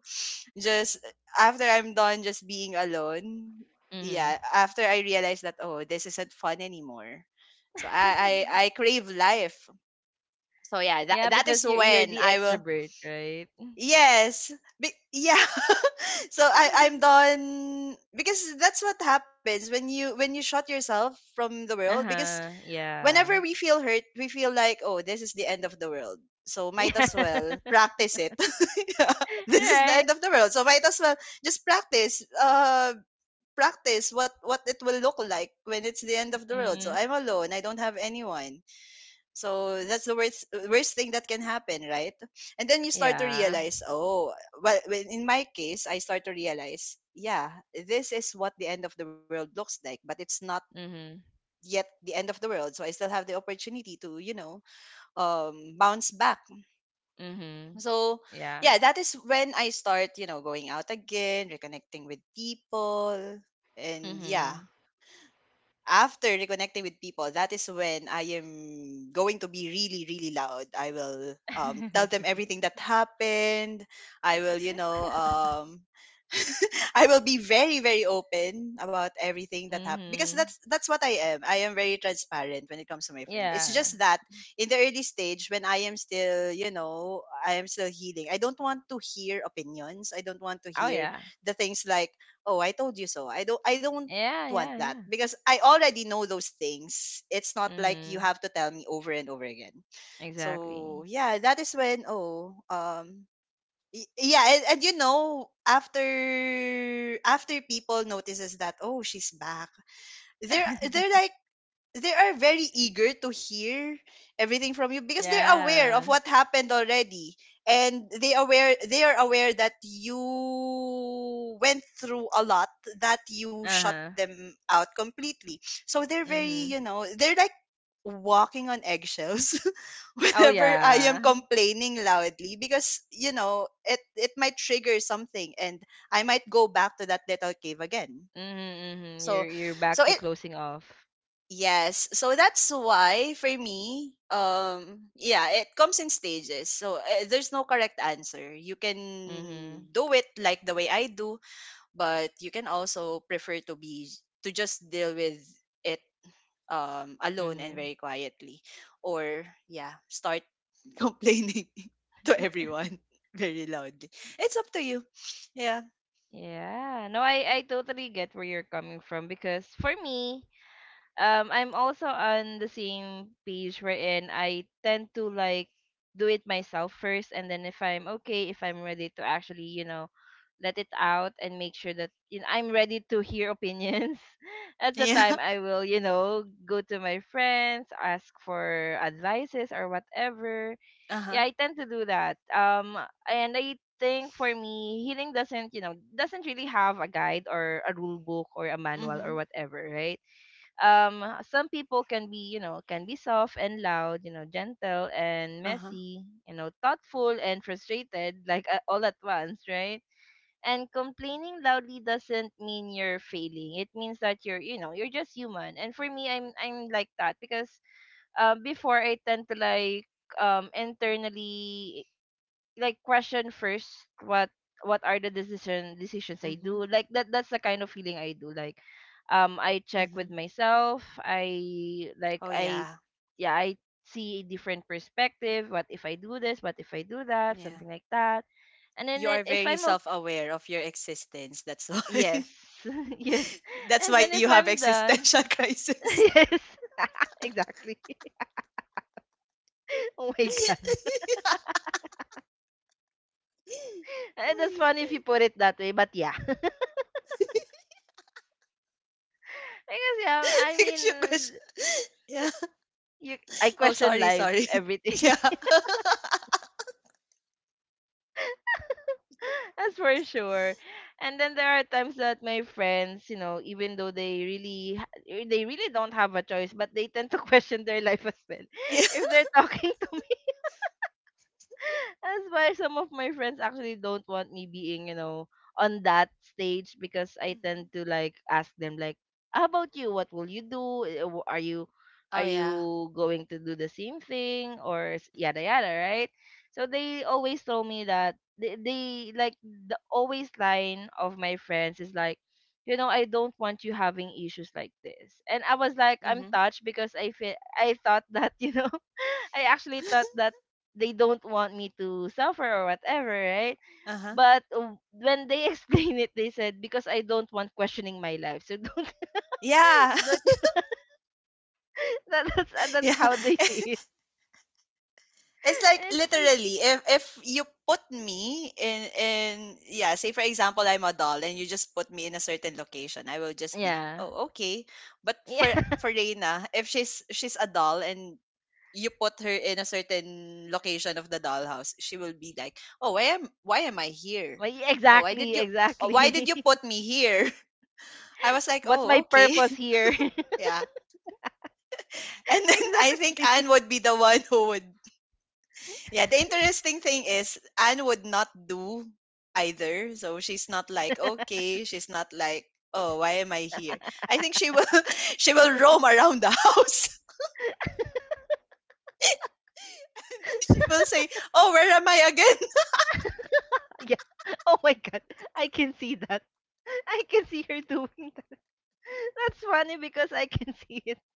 Speaker 2: just after I'm done just being alone, yeah,
Speaker 1: Mhm.
Speaker 2: after I realized that, oh, this isn't fun anymore. So I crave life. So yeah, that
Speaker 1: Yeah,
Speaker 2: is
Speaker 1: because you're
Speaker 2: when
Speaker 1: the
Speaker 2: I will
Speaker 1: extrovert, right?
Speaker 2: yes. Yeah. So I'm done because that's what happens when you shut yourself from the world, because
Speaker 1: Uh-huh.
Speaker 2: whenever
Speaker 1: Yeah.
Speaker 2: we feel hurt, we feel like, oh, this is the end of the world. So might as well practice it. Yeah. This is
Speaker 1: Yeah.
Speaker 2: the
Speaker 1: Right.
Speaker 2: end of the world. So might as well just practice practice what it will look like when it's the end of the world. So
Speaker 1: Mm.
Speaker 2: I'm alone. I don't have anyone. So that's the worst thing that can happen, right? And then you start to
Speaker 1: Yeah.
Speaker 2: realize, oh, in my case, I start to realize, yeah, this is what the end of the world looks like, but it's not
Speaker 1: Mhm.
Speaker 2: yet the end of the world. So I still have the opportunity to, you know, bounce back.
Speaker 1: Mhm.
Speaker 2: So
Speaker 1: Yeah.
Speaker 2: yeah, that is when I start, you know, going out again, reconnecting with people. And yeah,
Speaker 1: Mhm.
Speaker 2: after reconnecting with people, that is when I am going to be really, really loud. I will tell them everything that happened. I will, you know, I will be very, very open about everything that happened because
Speaker 1: Mhm.
Speaker 2: that's what I am. I am very transparent when it comes to my friend. It's
Speaker 1: Yeah.
Speaker 2: just that in the early stage when I am still, you know, I am still healing. I don't want to hear opinions. I don't want to
Speaker 1: Oh
Speaker 2: hear
Speaker 1: yeah.
Speaker 2: the things like, oh, I told you so. I don't
Speaker 1: Yeah,
Speaker 2: want
Speaker 1: yeah,
Speaker 2: that
Speaker 1: yeah.
Speaker 2: because I already know those things. It's not like you
Speaker 1: Mhm.
Speaker 2: have to tell me over and over again.
Speaker 1: Exactly.
Speaker 2: So yeah, that is when oh yeah, and you know after people notices that, oh, she's back, they're they're like they are very eager to hear everything from you because they're aware
Speaker 1: Yeah.
Speaker 2: of what happened already, and they are aware that you went through a lot, that you shut
Speaker 1: Uh-huh.
Speaker 2: them out completely. So they're very
Speaker 1: Mhm.
Speaker 2: you know they're like walking on eggshells
Speaker 1: Oh
Speaker 2: whenever I
Speaker 1: yeah.
Speaker 2: am complaining loudly because you know it might trigger something and I might go back to that little cave again.
Speaker 1: Mhm. Mhm.
Speaker 2: so
Speaker 1: You're
Speaker 2: so
Speaker 1: back to
Speaker 2: it,
Speaker 1: closing off.
Speaker 2: yes. So that's why for me, yeah, it comes in stages. So there's no correct answer. You can
Speaker 1: Mhm.
Speaker 2: do it like the way I do, but you can also prefer to be to just deal with it alone and
Speaker 1: Mhm.
Speaker 2: very quietly, or yeah, start complaining to everyone very loudly. It's up to you. Yeah.
Speaker 1: Yeah. No, I totally get where you're coming from, because for me, I'm also on the same page, wherein I tend to like do it myself first, and then if I'm okay, if I'm ready to actually, you know, let it out and make sure that, you know, I'm ready to hear opinions. At the
Speaker 2: Yeah.
Speaker 1: time I will, you know, go to my friends, ask for advices or whatever.
Speaker 2: Uh-huh.
Speaker 1: Yeah, I tend to do that. And I think for me, healing doesn't, you know, doesn't really have a guide or a rule book or a manual or
Speaker 2: Mhm.
Speaker 1: whatever, right? Some people can be, you know, can be soft and loud, you know, gentle and
Speaker 2: Uh-huh.
Speaker 1: messy, you know, thoughtful and frustrated, like, all at once, right? And complaining loudly doesn't mean you're failing. It means that you're, you know, you're just human. And for me, I'm like that because before I tend to like, internally, like, question first, what what are the decisions I do,
Speaker 2: Mhm.
Speaker 1: like that, that's the kind of feeling I do. Like, I check with
Speaker 2: Mhm.
Speaker 1: myself. I, like,
Speaker 2: Oh
Speaker 1: I
Speaker 2: yeah.
Speaker 1: yeah, I see a different perspective. What if I do this? What if I do that? Something
Speaker 2: Yeah.
Speaker 1: like that. And then,
Speaker 2: You are
Speaker 1: if
Speaker 2: very
Speaker 1: I'm okay,
Speaker 2: self-aware of your existence. That's why.
Speaker 1: yes. Yes.
Speaker 2: That's
Speaker 1: And
Speaker 2: why
Speaker 1: then if
Speaker 2: you have
Speaker 1: I'm done,
Speaker 2: existential crisis.
Speaker 1: yes, exactly, oh my god. Eh, that's
Speaker 2: Uy.
Speaker 1: funny if you put it that way, but yeah, because yeah, I mean,
Speaker 2: Because you question. Yeah.
Speaker 1: you I
Speaker 2: Oh,
Speaker 1: question
Speaker 2: sorry,
Speaker 1: life,
Speaker 2: sorry.
Speaker 1: everything.
Speaker 2: Yeah.
Speaker 1: That's for sure. And then there are times that my friends, you know, even though they really they really don't have a choice, but they tend to question their life as well.
Speaker 2: yeah.
Speaker 1: If they're talking to that's why some of my friends actually don't want me being, you know, on that stage, because I tend
Speaker 2: hmm
Speaker 1: to like ask them like, "How about you? What will you do? Are you, are
Speaker 2: Oh, yeah.
Speaker 1: you going to do the same thing, or yada
Speaker 2: hmm
Speaker 1: yada, right?" So they always told me that, they like, the always line of my friends is like, "You know, I don't want you having issues like this." And I was like, "I'm
Speaker 2: hmm
Speaker 1: touched, because I feel I thought that, you know, I actually thought that they don't want me to suffer or whatever, right?
Speaker 2: Uh-huh.
Speaker 1: But when they explain it, they said because I don't want questioning my life. So don't,
Speaker 2: Yeah.
Speaker 1: don't, that, that's
Speaker 2: yeah.
Speaker 1: how they see it."
Speaker 2: It's like
Speaker 1: It's
Speaker 2: literally if you put me in yeah, say for example I'm a doll and you just put me in a certain location, I will just be,
Speaker 1: yeah.
Speaker 2: "Oh, okay." But for
Speaker 1: Yeah.
Speaker 2: for Reina, if she's a doll and you put her in a certain location of the dollhouse, she will be like, "Oh, why am I here?
Speaker 1: Well, yeah,
Speaker 2: Oh, why did
Speaker 1: exactly,
Speaker 2: you oh, why did
Speaker 1: exactly.
Speaker 2: you put me here?" I was like,
Speaker 1: What's
Speaker 2: "Oh,
Speaker 1: my
Speaker 2: okay."
Speaker 1: purpose here?
Speaker 2: yeah. And then I think
Speaker 1: Exactly.
Speaker 2: Anne would be the one who would. Yeah, the interesting thing is Anne would not do either. So she's not like, okay, she's not like, oh, why am I here? I think she will, she will roam around the house. And then she will say, oh, where am I again?
Speaker 1: Yeah. Oh my god. I can see that. I can see her doing that. That's funny because I can see it.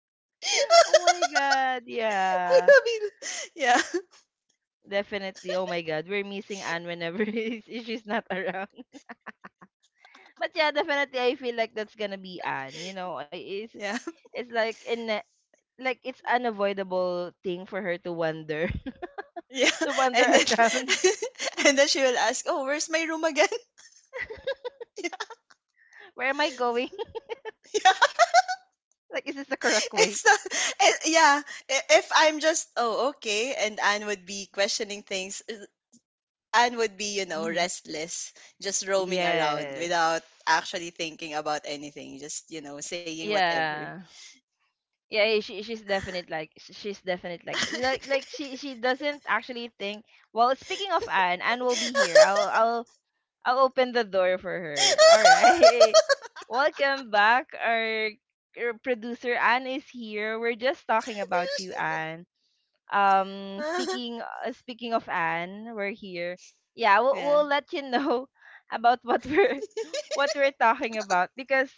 Speaker 1: Oh my god.
Speaker 2: I
Speaker 1: Yeah.
Speaker 2: will Yeah.
Speaker 1: Definitely. Oh my God, we're missing Anne whenever she's not around. But yeah, definitely, I feel like that's gonna be Anne. You know, it's
Speaker 2: Yeah.
Speaker 1: it's like in like, it's unavoidable thing for her to wander,
Speaker 2: Yeah.
Speaker 1: to wander
Speaker 2: And then,
Speaker 1: around.
Speaker 2: and then she will ask, oh, where's my room again? yeah.
Speaker 1: Where am I going?
Speaker 2: yeah.
Speaker 1: Like, is this the correct way?
Speaker 2: It's not, yeah. If I'm just oh okay and Anne would be questioning things. Anne would be, you know,
Speaker 1: Mm-hmm.
Speaker 2: restless, just roaming around
Speaker 1: Yes.
Speaker 2: without actually thinking about anything, just, you know, saying whatever.
Speaker 1: Yeah. Yeah, eh, she she's definite, like she's definite, like, she doesn't actually think. Well, speaking of Anne, Anne will be here. I'll I'll open the door for her. All right. Welcome back. Our producer Anne is here. We're just talking about you, Anne. Speaking speaking of Anne, we're here. Yeah,
Speaker 2: yeah.
Speaker 1: we'll let you know about what we're what we're talking about, because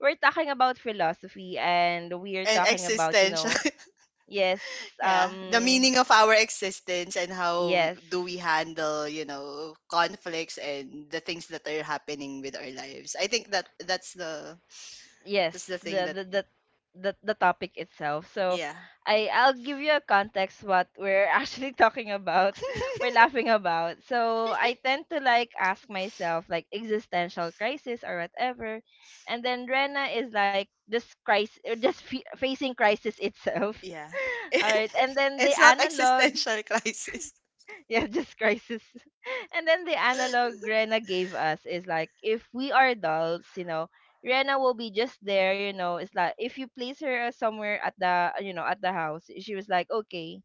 Speaker 1: we're talking about philosophy, and we are
Speaker 2: And
Speaker 1: talking about, you
Speaker 2: existential.
Speaker 1: know, yes,
Speaker 2: yeah. The
Speaker 1: um
Speaker 2: meaning of our existence and how
Speaker 1: yes,
Speaker 2: do we handle, you know, conflicts and the things that are happening with our lives. I think that that's the
Speaker 1: yes,
Speaker 2: that's the thing
Speaker 1: the
Speaker 2: that
Speaker 1: the the the topic itself. So
Speaker 2: yeah.
Speaker 1: I'll give you a context what we're actually talking about. We're laughing about, so I tend to like ask myself, like, existential crisis or whatever, and then Rena is like just crisis, just facing crisis itself.
Speaker 2: Yeah.
Speaker 1: All right. And then the
Speaker 2: it's not
Speaker 1: analog
Speaker 2: existential crisis.
Speaker 1: yeah, just crisis. And then the analog Rena gave us is like, if we are adults, you know, Rena will be just there, you know. It's like if you place her somewhere at the, you know, at the house, she was like, okay,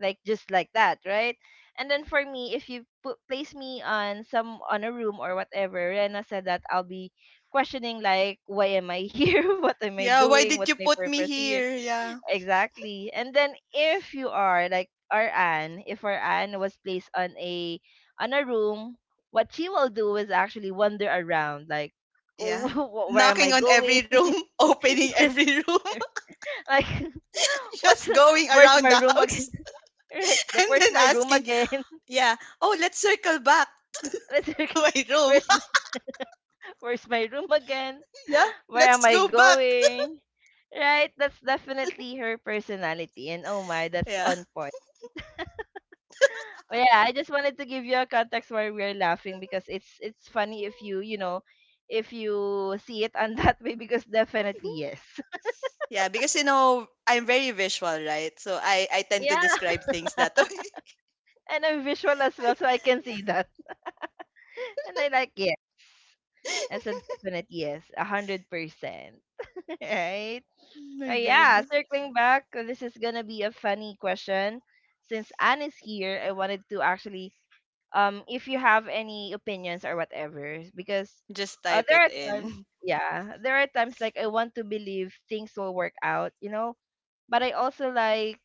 Speaker 1: like, just like that, right? And then for me, if you put place me on some, on a room or whatever, Rena said that I'll be questioning like, why am I here? What am I
Speaker 2: Yeah, why
Speaker 1: doing?
Speaker 2: did
Speaker 1: What's
Speaker 2: you
Speaker 1: my
Speaker 2: put me
Speaker 1: purpose here?
Speaker 2: here? Yeah.
Speaker 1: Exactly. And then if you are like our Anne, if our Anne was placed on a, on a room, what she will do is actually wander around, like
Speaker 2: Yeah.
Speaker 1: Where am
Speaker 2: Knocking
Speaker 1: I
Speaker 2: on every
Speaker 1: going?
Speaker 2: room, opening
Speaker 1: Yes,
Speaker 2: every room,
Speaker 1: like what's,
Speaker 2: just going
Speaker 1: where's
Speaker 2: around
Speaker 1: my
Speaker 2: the
Speaker 1: room
Speaker 2: house,
Speaker 1: again? Right. Like,
Speaker 2: and then
Speaker 1: where's my room
Speaker 2: asking,
Speaker 1: again?
Speaker 2: yeah, oh, let's circle back
Speaker 1: Let's rec-
Speaker 2: to my room.
Speaker 1: where's my, where's my room again?
Speaker 2: yeah,
Speaker 1: Where
Speaker 2: let's
Speaker 1: am I
Speaker 2: go back.
Speaker 1: going?" Right? That's definitely her personality. And oh my, that's
Speaker 2: Yeah.
Speaker 1: on point. But yeah, I just wanted to give you a context why we're laughing, because it's funny if you, you know, if you see it on that way, because definitely yes.
Speaker 2: Yeah, because you know, I'm very visual, right? So I tend to
Speaker 1: Yeah.
Speaker 2: describe things that way.
Speaker 1: And I'm visual as
Speaker 2: I,
Speaker 1: well, so I can
Speaker 2: yeah.
Speaker 1: see that. And I like yes. That's a definite yes. 100%. Right?
Speaker 2: Oh
Speaker 1: Oh
Speaker 2: my god.
Speaker 1: yeah, circling back, this is gonna be a funny question. Since Anne is here, I wanted to actually, if you have any opinions or whatever, because
Speaker 2: Just type
Speaker 1: there
Speaker 2: it
Speaker 1: are times,
Speaker 2: in.
Speaker 1: yeah, there are times like I want to believe things will work out, you know, but I also like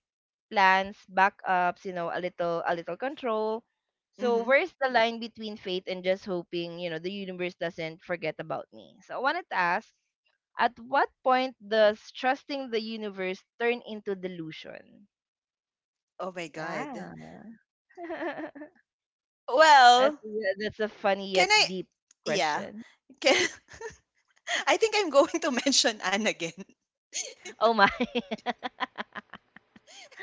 Speaker 1: plans, backups, you know, a little control. So
Speaker 2: Mhm.
Speaker 1: where's the line between faith and just hoping, you know, the universe doesn't forget about me? So I wanted to ask, at what point does trusting the universe turn into delusion?
Speaker 2: Oh my god.
Speaker 1: Yeah. That's
Speaker 2: Well,
Speaker 1: yeah, that's a funny yet
Speaker 2: can I
Speaker 1: deep
Speaker 2: yeah.
Speaker 1: question.
Speaker 2: Can, I think I'm going to mention Anne again.
Speaker 1: Oh my.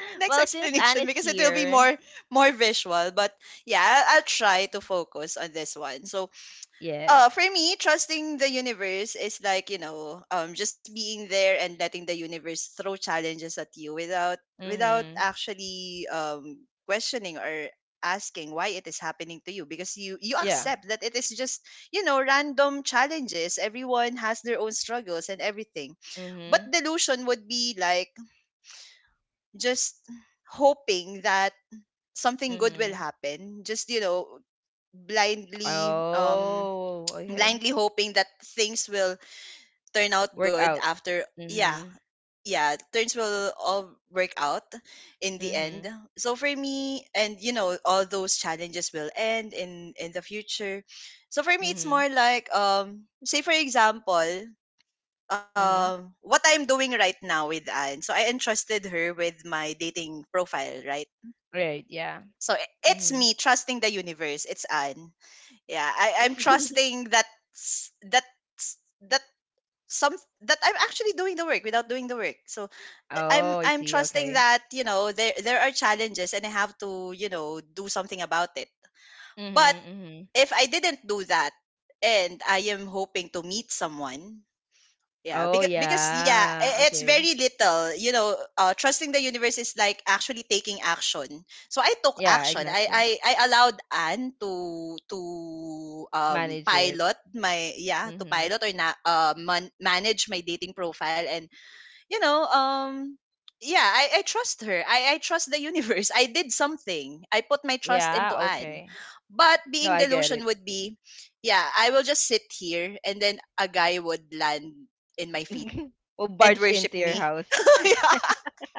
Speaker 2: My next
Speaker 1: Well, since Anne
Speaker 2: explanation
Speaker 1: is
Speaker 2: because it will be
Speaker 1: here,
Speaker 2: more visual, but yeah, I'll try to focus on this one. So,
Speaker 1: yes.
Speaker 2: uh, for me, trusting the universe is like, you know, just being there and letting the universe throw challenges at you without
Speaker 1: Mhm.
Speaker 2: actually questioning or asking why it is happening to you because you
Speaker 1: Yeah.
Speaker 2: accept that it is just, you know, random challenges. Everyone has their own struggles and everything, but
Speaker 1: Mhm.
Speaker 2: delusion would be like just hoping that something good will
Speaker 1: Mhm.
Speaker 2: happen, just, you know, blindly,
Speaker 1: Oh, okay.
Speaker 2: blindly hoping that things will turn out good
Speaker 1: Workout.
Speaker 2: after. Yeah,
Speaker 1: Mhm.
Speaker 2: yeah, things will all work out in the end.
Speaker 1: Mhm.
Speaker 2: So for me and, you know, all those challenges will end in the future. So for me it's
Speaker 1: Mhm.
Speaker 2: more like, say for example,
Speaker 1: Mhm.
Speaker 2: what I'm doing right now with Anne. So I entrusted her with my dating profile, right?
Speaker 1: Right, yeah.
Speaker 2: So it's
Speaker 1: Mhm.
Speaker 2: me trusting the universe. It's Anne. Yeah, I'm trusting that s- that s- that some that I'm actually doing the work without doing the work. So I'm
Speaker 1: Oh, I
Speaker 2: I'm
Speaker 1: see.
Speaker 2: trusting
Speaker 1: Okay.
Speaker 2: that, you know, there are challenges and I have to, you know, do something about it. But
Speaker 1: Mhm. Mhm.
Speaker 2: if I didn't do that and I am hoping to meet someone, yeah,
Speaker 1: Oh,
Speaker 2: because
Speaker 1: yeah.
Speaker 2: it's
Speaker 1: Okay.
Speaker 2: very little, you know. Uh, trusting the universe is like actually taking action. So I took
Speaker 1: Yeah,
Speaker 2: action. I
Speaker 1: exactly.
Speaker 2: I I allowed Anne to
Speaker 1: Manage it.
Speaker 2: pilot my, yeah, to
Speaker 1: Mm-hmm.
Speaker 2: pilot or manage my dating profile and, you know, yeah, I trust her. I trust the universe. I did something. I put my trust into
Speaker 1: Yeah,
Speaker 2: Anne.
Speaker 1: okay.
Speaker 2: But
Speaker 1: No,
Speaker 2: being
Speaker 1: I get
Speaker 2: delusion
Speaker 1: it.
Speaker 2: would be, yeah, I will just sit here and then a guy would land in my feet
Speaker 1: Will
Speaker 2: and
Speaker 1: barge
Speaker 2: worship
Speaker 1: into your
Speaker 2: me.
Speaker 1: house.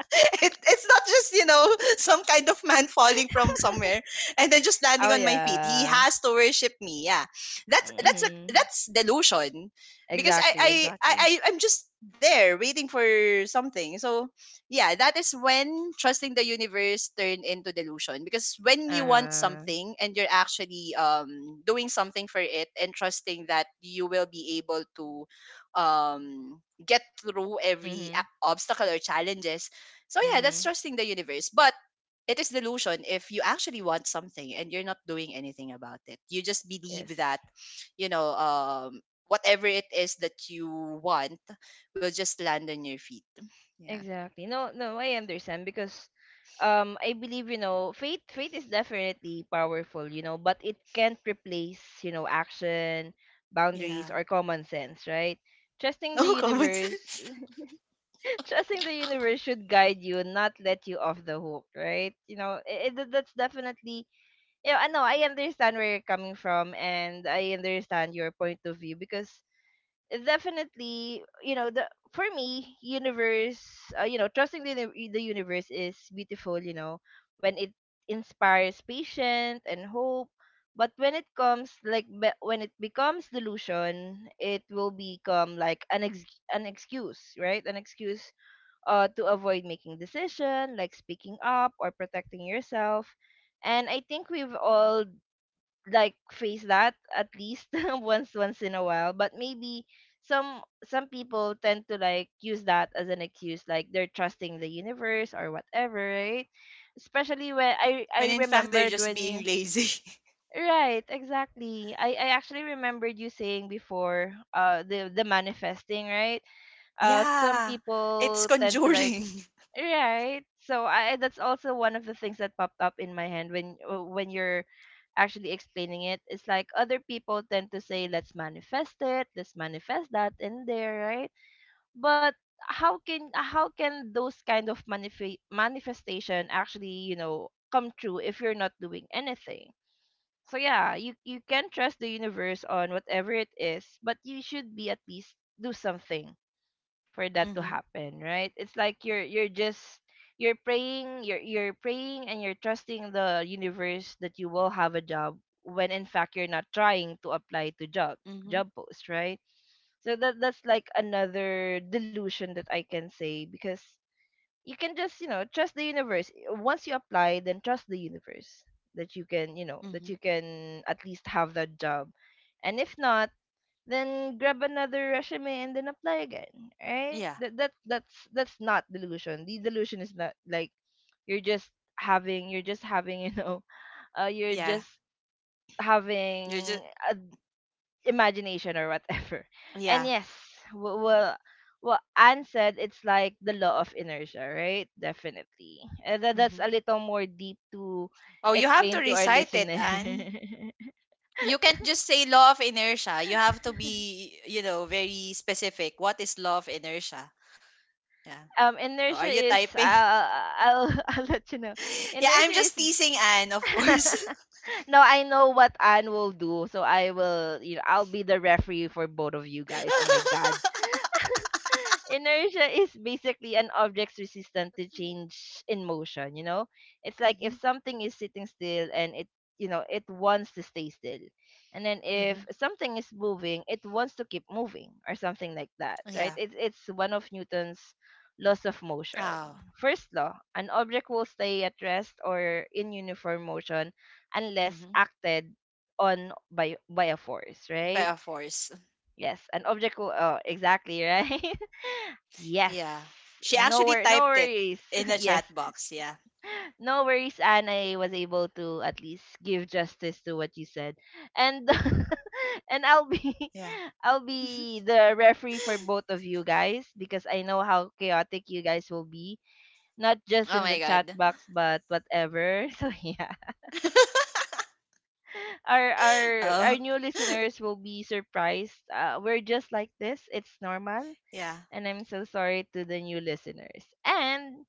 Speaker 2: It's not just, you know, some kind of man falling from somewhere and then just landing
Speaker 1: Oh
Speaker 2: on my feet. He
Speaker 1: yeah.
Speaker 2: has to worship me. Yeah, that's a
Speaker 1: Mm-hmm.
Speaker 2: that's delusion because i
Speaker 1: Exactly,
Speaker 2: i i
Speaker 1: exactly.
Speaker 2: I- i'm just there waiting for something. So yeah, that is when trusting the universe turn into delusion, because when you want
Speaker 1: Uh-huh.
Speaker 2: something and you're actually doing something for it and trusting that you will be able to get through every
Speaker 1: Mm-hmm.
Speaker 2: obstacle or challenges. So yeah, that's
Speaker 1: Mm-hmm.
Speaker 2: trusting the universe. But it is delusion if you actually want something and you're not doing anything about it. You just believe that,
Speaker 1: Yes.
Speaker 2: you know, whatever it is that you want will just land on your feet. Yeah.
Speaker 1: Exactly. No, no, I understand, because I believe, you know, faith is definitely powerful, you know, but it can't replace, you know, action, boundaries,
Speaker 2: Yeah.
Speaker 1: or common sense, right? Trusting the
Speaker 2: No common
Speaker 1: universe
Speaker 2: sense.
Speaker 1: trusting the universe should guide you, not let you off the hook, right? You know, it, that's definitely. You know, I know, I understand where you're coming from, and I understand your point of view, because it definitely, you know, the for me, universe, you know, trusting the universe is beautiful. You know, when it inspires patience and hope, but when it comes like when it becomes delusion, it will become like an excuse, right? An excuse to avoid making decision, like speaking up or protecting yourself, and I think we've all like faced that at least once in a while, but maybe some people tend to like use that as an excuse, like they're trusting the universe or whatever, right? Especially when I
Speaker 2: When in fact they're
Speaker 1: remembered
Speaker 2: just
Speaker 1: when
Speaker 2: being
Speaker 1: you
Speaker 2: lazy.
Speaker 1: right, exactly. I actually remembered you saying before the manifesting, right? Some
Speaker 2: yeah.
Speaker 1: people
Speaker 2: It's
Speaker 1: tend to like
Speaker 2: conjuring.
Speaker 1: right. So I that's also one of the things that popped up in my hand when you're actually explaining it. It's like other people tend to say, let's manifest it, let's manifest that in there, right? But how can, how can those kind of manifestation actually, you know, come true if you're not doing anything? So yeah, you can trust the universe on whatever it is, but you should be at least do something for that to
Speaker 2: Mm-hmm.
Speaker 1: happen, right? It's like you're just you're praying, you're praying and you're trusting the universe that you will have a job when in fact you're not trying to apply to
Speaker 2: Mm-hmm.
Speaker 1: job posts, right? So that, that's like another delusion that I can say, because you can just, you know, trust the universe. Once you apply, then trust the universe that
Speaker 2: Mm-hmm.
Speaker 1: you can at least have that job. And if not, then grab another resume and then apply again, right?
Speaker 2: Yeah.
Speaker 1: That's not delusion. The delusion is not like you're just you're just having you know you're
Speaker 2: Yeah.
Speaker 1: just
Speaker 2: You're
Speaker 1: having
Speaker 2: just
Speaker 1: a imagination or whatever. And
Speaker 2: yeah.
Speaker 1: yes, well, what Anne said, it's like the law of inertia, right? Definitely. That's
Speaker 2: Mm-hmm.
Speaker 1: a little more deep to
Speaker 2: Oh, you have to
Speaker 1: explain to our
Speaker 2: recite it,
Speaker 1: listener.
Speaker 2: Anne. You can't just say law of inertia. You have to be, you know, very specific. What is law of inertia? Yeah. Oh, are
Speaker 1: Inertia
Speaker 2: you
Speaker 1: is—
Speaker 2: typing?
Speaker 1: I'll I'll let you know.
Speaker 2: yeah,
Speaker 1: Inertia
Speaker 2: I'm just
Speaker 1: is—
Speaker 2: teasing Anne, of course.
Speaker 1: no, I know what Anne will do, so I will you know I'll be the referee for both of you guys. Oh my god. Inertia is basically an object's resistance to change in motion. It's like if
Speaker 2: hmm
Speaker 1: something is sitting still and it you know it wants to stay still, and then
Speaker 2: hmm
Speaker 1: if something is moving it wants to keep moving or something like that, right?
Speaker 2: Yeah.
Speaker 1: It's one of Newton's laws of
Speaker 2: Oh.
Speaker 1: motion. First law: an object will stay at rest or in uniform motion unless
Speaker 2: hmm
Speaker 1: acted on by a force,
Speaker 2: By
Speaker 1: right?
Speaker 2: a force.
Speaker 1: Yes, an object will— oh, exactly. Right. Yes.
Speaker 2: Yeah. She actually
Speaker 1: No
Speaker 2: typed it
Speaker 1: worries.
Speaker 2: in the
Speaker 1: Yes.
Speaker 2: chat box. Yeah.
Speaker 1: No worries, and I was able to at least give justice to what you said. And and I'll be—
Speaker 2: Yeah.
Speaker 1: I'll be the referee for both of you guys because I know how chaotic you guys will be, not just
Speaker 2: Oh
Speaker 1: in the
Speaker 2: my
Speaker 1: chat
Speaker 2: god.
Speaker 1: box but whatever. So yeah. Our our our
Speaker 2: oh.
Speaker 1: new listeners will be surprised. We're just like this. It's normal.
Speaker 2: Yeah.
Speaker 1: And I'm so sorry to the new listeners. And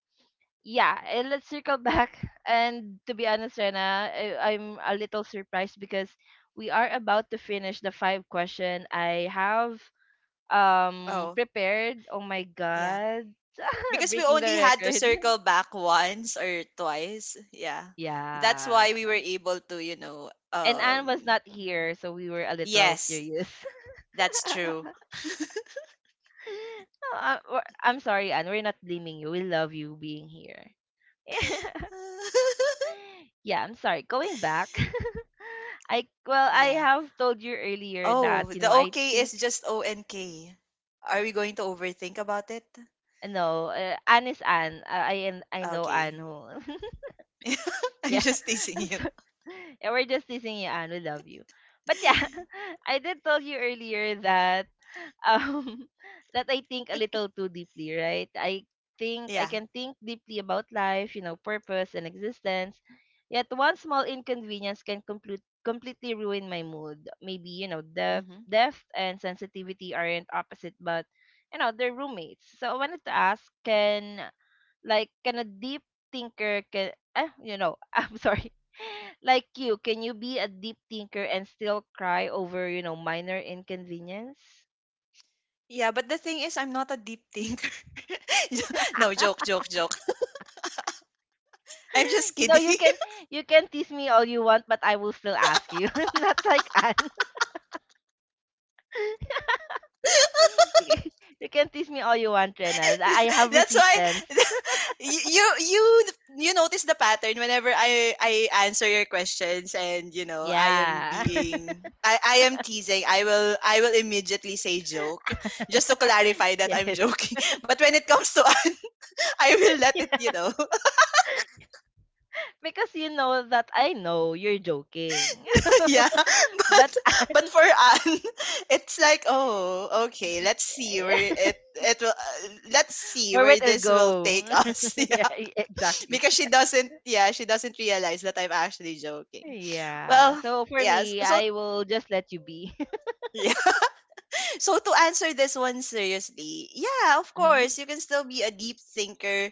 Speaker 1: yeah, and let's circle back. And to be honest, Rena, I'm a little surprised because we are about to finish the five question I have
Speaker 2: Oh.
Speaker 1: prepared. Oh my
Speaker 2: Yeah.
Speaker 1: god.
Speaker 2: Because we
Speaker 1: Breaking the
Speaker 2: only had to
Speaker 1: record.
Speaker 2: circle back once or twice. Yeah. That's
Speaker 1: Yeah,
Speaker 2: why we were able to, you know,
Speaker 1: and Anne was not here, so we were a little
Speaker 2: yes,
Speaker 1: serious.
Speaker 2: that's true.
Speaker 1: No, I'm sorry, Anne. We're not blaming you. We love you being here. Yeah, I'm sorry. Going back, I
Speaker 2: yeah.
Speaker 1: have told you earlier that,
Speaker 2: Oh, the
Speaker 1: I
Speaker 2: OK
Speaker 1: think—
Speaker 2: is just ONK. Are we going to overthink about it?
Speaker 1: no, Anne is Anne. I know Anne
Speaker 2: Okay.
Speaker 1: who.
Speaker 2: I'm
Speaker 1: Yeah.
Speaker 2: just teasing
Speaker 1: I'm
Speaker 2: you.
Speaker 1: sorry. Yeah, we're just teasing you, Anne. We love you. But yeah, I did tell you earlier that um that I think a little too deeply, right? I
Speaker 2: Yeah.
Speaker 1: think I can think deeply about life, you know, purpose and existence. Yet one small inconvenience can completely ruin my mood. Maybe, you know, depth
Speaker 2: hmm
Speaker 1: depth and sensitivity aren't opposite, but they're roommates. So I wanted to ask, can, like, can a deep thinker can, I'm sorry like, you be a deep thinker and still cry over, minor inconvenience?
Speaker 2: Yeah, but the thing is, I'm not a deep thinker. no, joke, joke, joke. I'm just
Speaker 1: You know,
Speaker 2: kidding.
Speaker 1: you can tease me all you want, but I will still ask you. I'm not like Anne. you you can tease me all you want, Rena. I have
Speaker 2: That's why
Speaker 1: resistance.
Speaker 2: you you notice the pattern whenever I answer your questions and, you know, I am
Speaker 1: Yeah.
Speaker 2: being, I am teasing, I will immediately say joke just to clarify that I'm
Speaker 1: Yes.
Speaker 2: joking. But when it comes to Anne, I will let it, you know.
Speaker 1: Because you know that I know you're joking.
Speaker 2: yeah. But
Speaker 1: But
Speaker 2: but for Anne, it's like, "Oh, okay. Let's see where
Speaker 1: I—
Speaker 2: it it will, let's see
Speaker 1: Where
Speaker 2: where
Speaker 1: it will
Speaker 2: this will take
Speaker 1: go.
Speaker 2: us." Yeah.
Speaker 1: Yeah, exactly.
Speaker 2: because she doesn't, yeah, she doesn't realize that I'm actually joking. Well,
Speaker 1: Yeah. So for
Speaker 2: yeah,
Speaker 1: me,
Speaker 2: so
Speaker 1: I will just let you be.
Speaker 2: yeah. So to answer this one seriously, yeah, of course
Speaker 1: Mhm.
Speaker 2: you can still be a deep thinker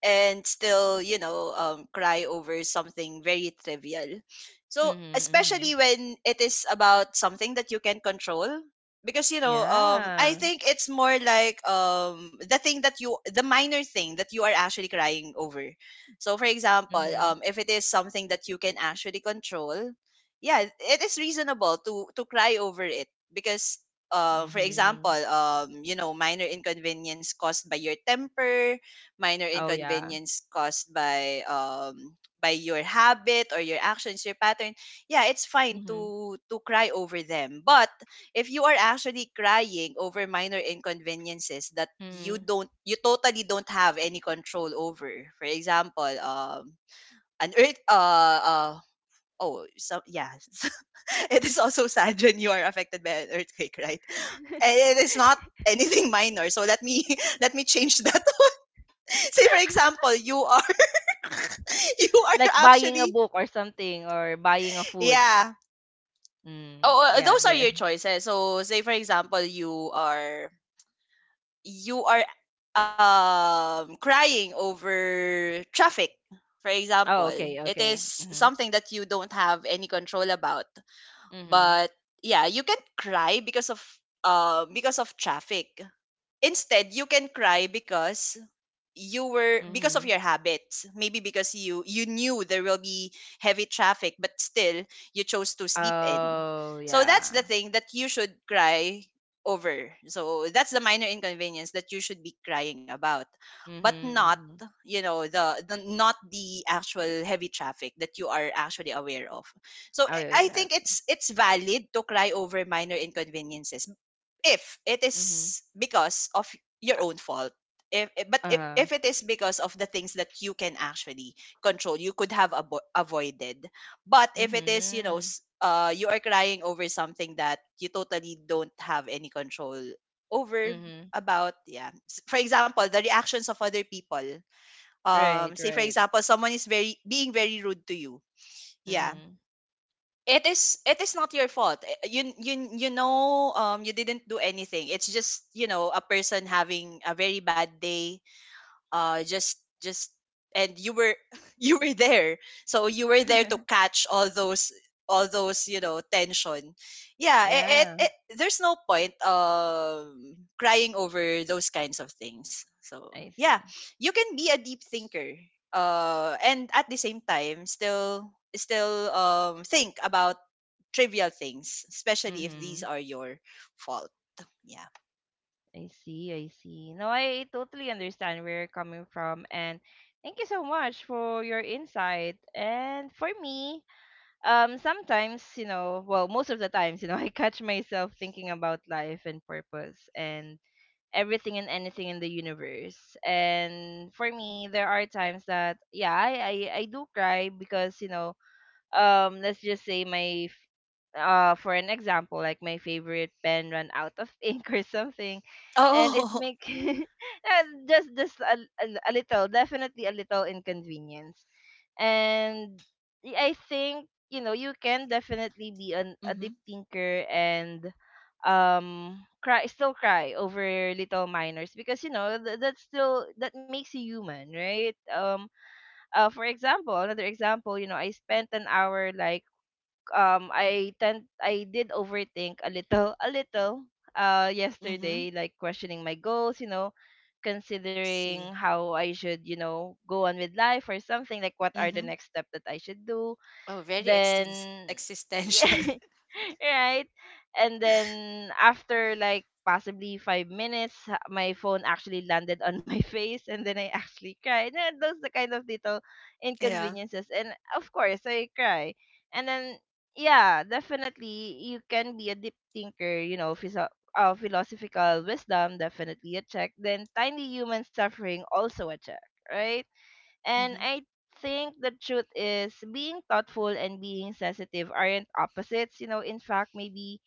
Speaker 2: and still, you know, cry over something very trivial. So,
Speaker 1: Mhm. Mhm.
Speaker 2: especially when it is about something that you can control, because, you know, I
Speaker 1: Yeah.
Speaker 2: think it's more like, the thing that you, the minor thing that you are actually crying over. So, for example,
Speaker 1: Mhm.
Speaker 2: if it is something that you can actually control, yeah, it is reasonable to cry over it because, for example,
Speaker 1: Mhm.
Speaker 2: you know, minor inconvenience caused by your temper, minor
Speaker 1: Oh yeah.
Speaker 2: inconvenience caused by your habit or your actions, your pattern. Yeah, it's fine
Speaker 1: Mhm.
Speaker 2: to cry over them. But if you are actually crying over minor inconveniences that you
Speaker 1: Mhm.
Speaker 2: don't, you totally don't have any control over, for example, an earth uh oh, so yeah, it is also sad when you are affected by an earthquake, right? And it is not anything minor, so let me let me change that. Say for example, you are you
Speaker 1: like
Speaker 2: are
Speaker 1: buying a
Speaker 2: actually
Speaker 1: book or something or buying a food.
Speaker 2: yeah.
Speaker 1: Mm,
Speaker 2: Oh,
Speaker 1: yeah,
Speaker 2: those are
Speaker 1: there.
Speaker 2: your choices. So say for example, you are crying over traffic. For
Speaker 1: Oh,
Speaker 2: example,
Speaker 1: okay,
Speaker 2: it
Speaker 1: okay.
Speaker 2: is
Speaker 1: Mhm.
Speaker 2: something that you don't have any control about.
Speaker 1: Mhm.
Speaker 2: But yeah, you can cry because of, because of traffic. Instead, you can cry because you were, because of
Speaker 1: Mhm.
Speaker 2: your habits, maybe because you knew there will be heavy traffic but still you chose to sleep in.
Speaker 1: Oh
Speaker 2: So that's the
Speaker 1: yeah.
Speaker 2: thing that you should cry over. So that's the minor inconvenience that you should be crying about, but
Speaker 1: Mhm.
Speaker 2: not,
Speaker 1: Mhm.
Speaker 2: you know, the not the actual heavy traffic that you are actually aware of. So
Speaker 1: Oh
Speaker 2: i
Speaker 1: yeah,
Speaker 2: I think
Speaker 1: exactly.
Speaker 2: it's valid to cry over minor inconveniences if it
Speaker 1: Mhm.
Speaker 2: is because of your
Speaker 1: Uh,
Speaker 2: own fault. But if
Speaker 1: uh-huh.
Speaker 2: it is because of the things that you can actually control, you could have avoided. But if it is, you know,
Speaker 1: Mhm.
Speaker 2: you are crying over something that you totally don't have any control over
Speaker 1: Mhm.
Speaker 2: about. Yeah, for example the reactions of other people.
Speaker 1: Right,
Speaker 2: Say for
Speaker 1: right.
Speaker 2: example someone is, very being very rude to you, yeah,
Speaker 1: Mm-hmm.
Speaker 2: it is, it is not your fault. Eh, you know, you didn't do anything. It's just, you know, a person having a very bad day, just and you were you were there, so you were there to catch all those, all those, you know, tension. Yeah, it, it,
Speaker 1: Yeah,
Speaker 2: it there's no point crying over those kinds of things. So
Speaker 1: I
Speaker 2: yeah,
Speaker 1: see.
Speaker 2: you can be a deep thinker, uh, and at the same time still think about trivial things, especially if
Speaker 1: Mm-hmm.
Speaker 2: these are your fault. Yeah.
Speaker 1: I see, I see. No, I totally understand where you're coming from, and thank you so much for your insight. And for me, sometimes, well, most of the times, I catch myself thinking about life and purpose and everything and anything in the universe. And for me, there are times that yeah, I do cry because, let's just say my for an example, like my favorite pen ran out of ink or something, and it
Speaker 2: Oh.
Speaker 1: make just a little, definitely a little inconvenience. And I think, you can definitely be an a deep
Speaker 2: mhm
Speaker 1: thinker and cry still cry over little minors because that's still, that makes you human, right. For example, another example, I spent an hour, like, I did overthink a little,
Speaker 2: mhm
Speaker 1: yesterday, like questioning my goals, considering
Speaker 2: see
Speaker 1: how I should, go on with life or something, like what are the
Speaker 2: mhm
Speaker 1: next step that I should do.
Speaker 2: Oh, very extens-
Speaker 1: Then
Speaker 2: existential.
Speaker 1: yeah, right? And then after like possibly 5 minutes, my phone actually landed on my face, and then I actually cried. And those the kind of little
Speaker 2: yeah.
Speaker 1: inconveniences, and of course I cry. And then yeah, definitely you can be a deep thinker, you know, philosophical wisdom, definitely a check. Then tiny human suffering, also a check, right?
Speaker 2: Mm-hmm.
Speaker 1: And I think the truth is being thoughtful and being sensitive aren't opposites. You know, in fact, maybe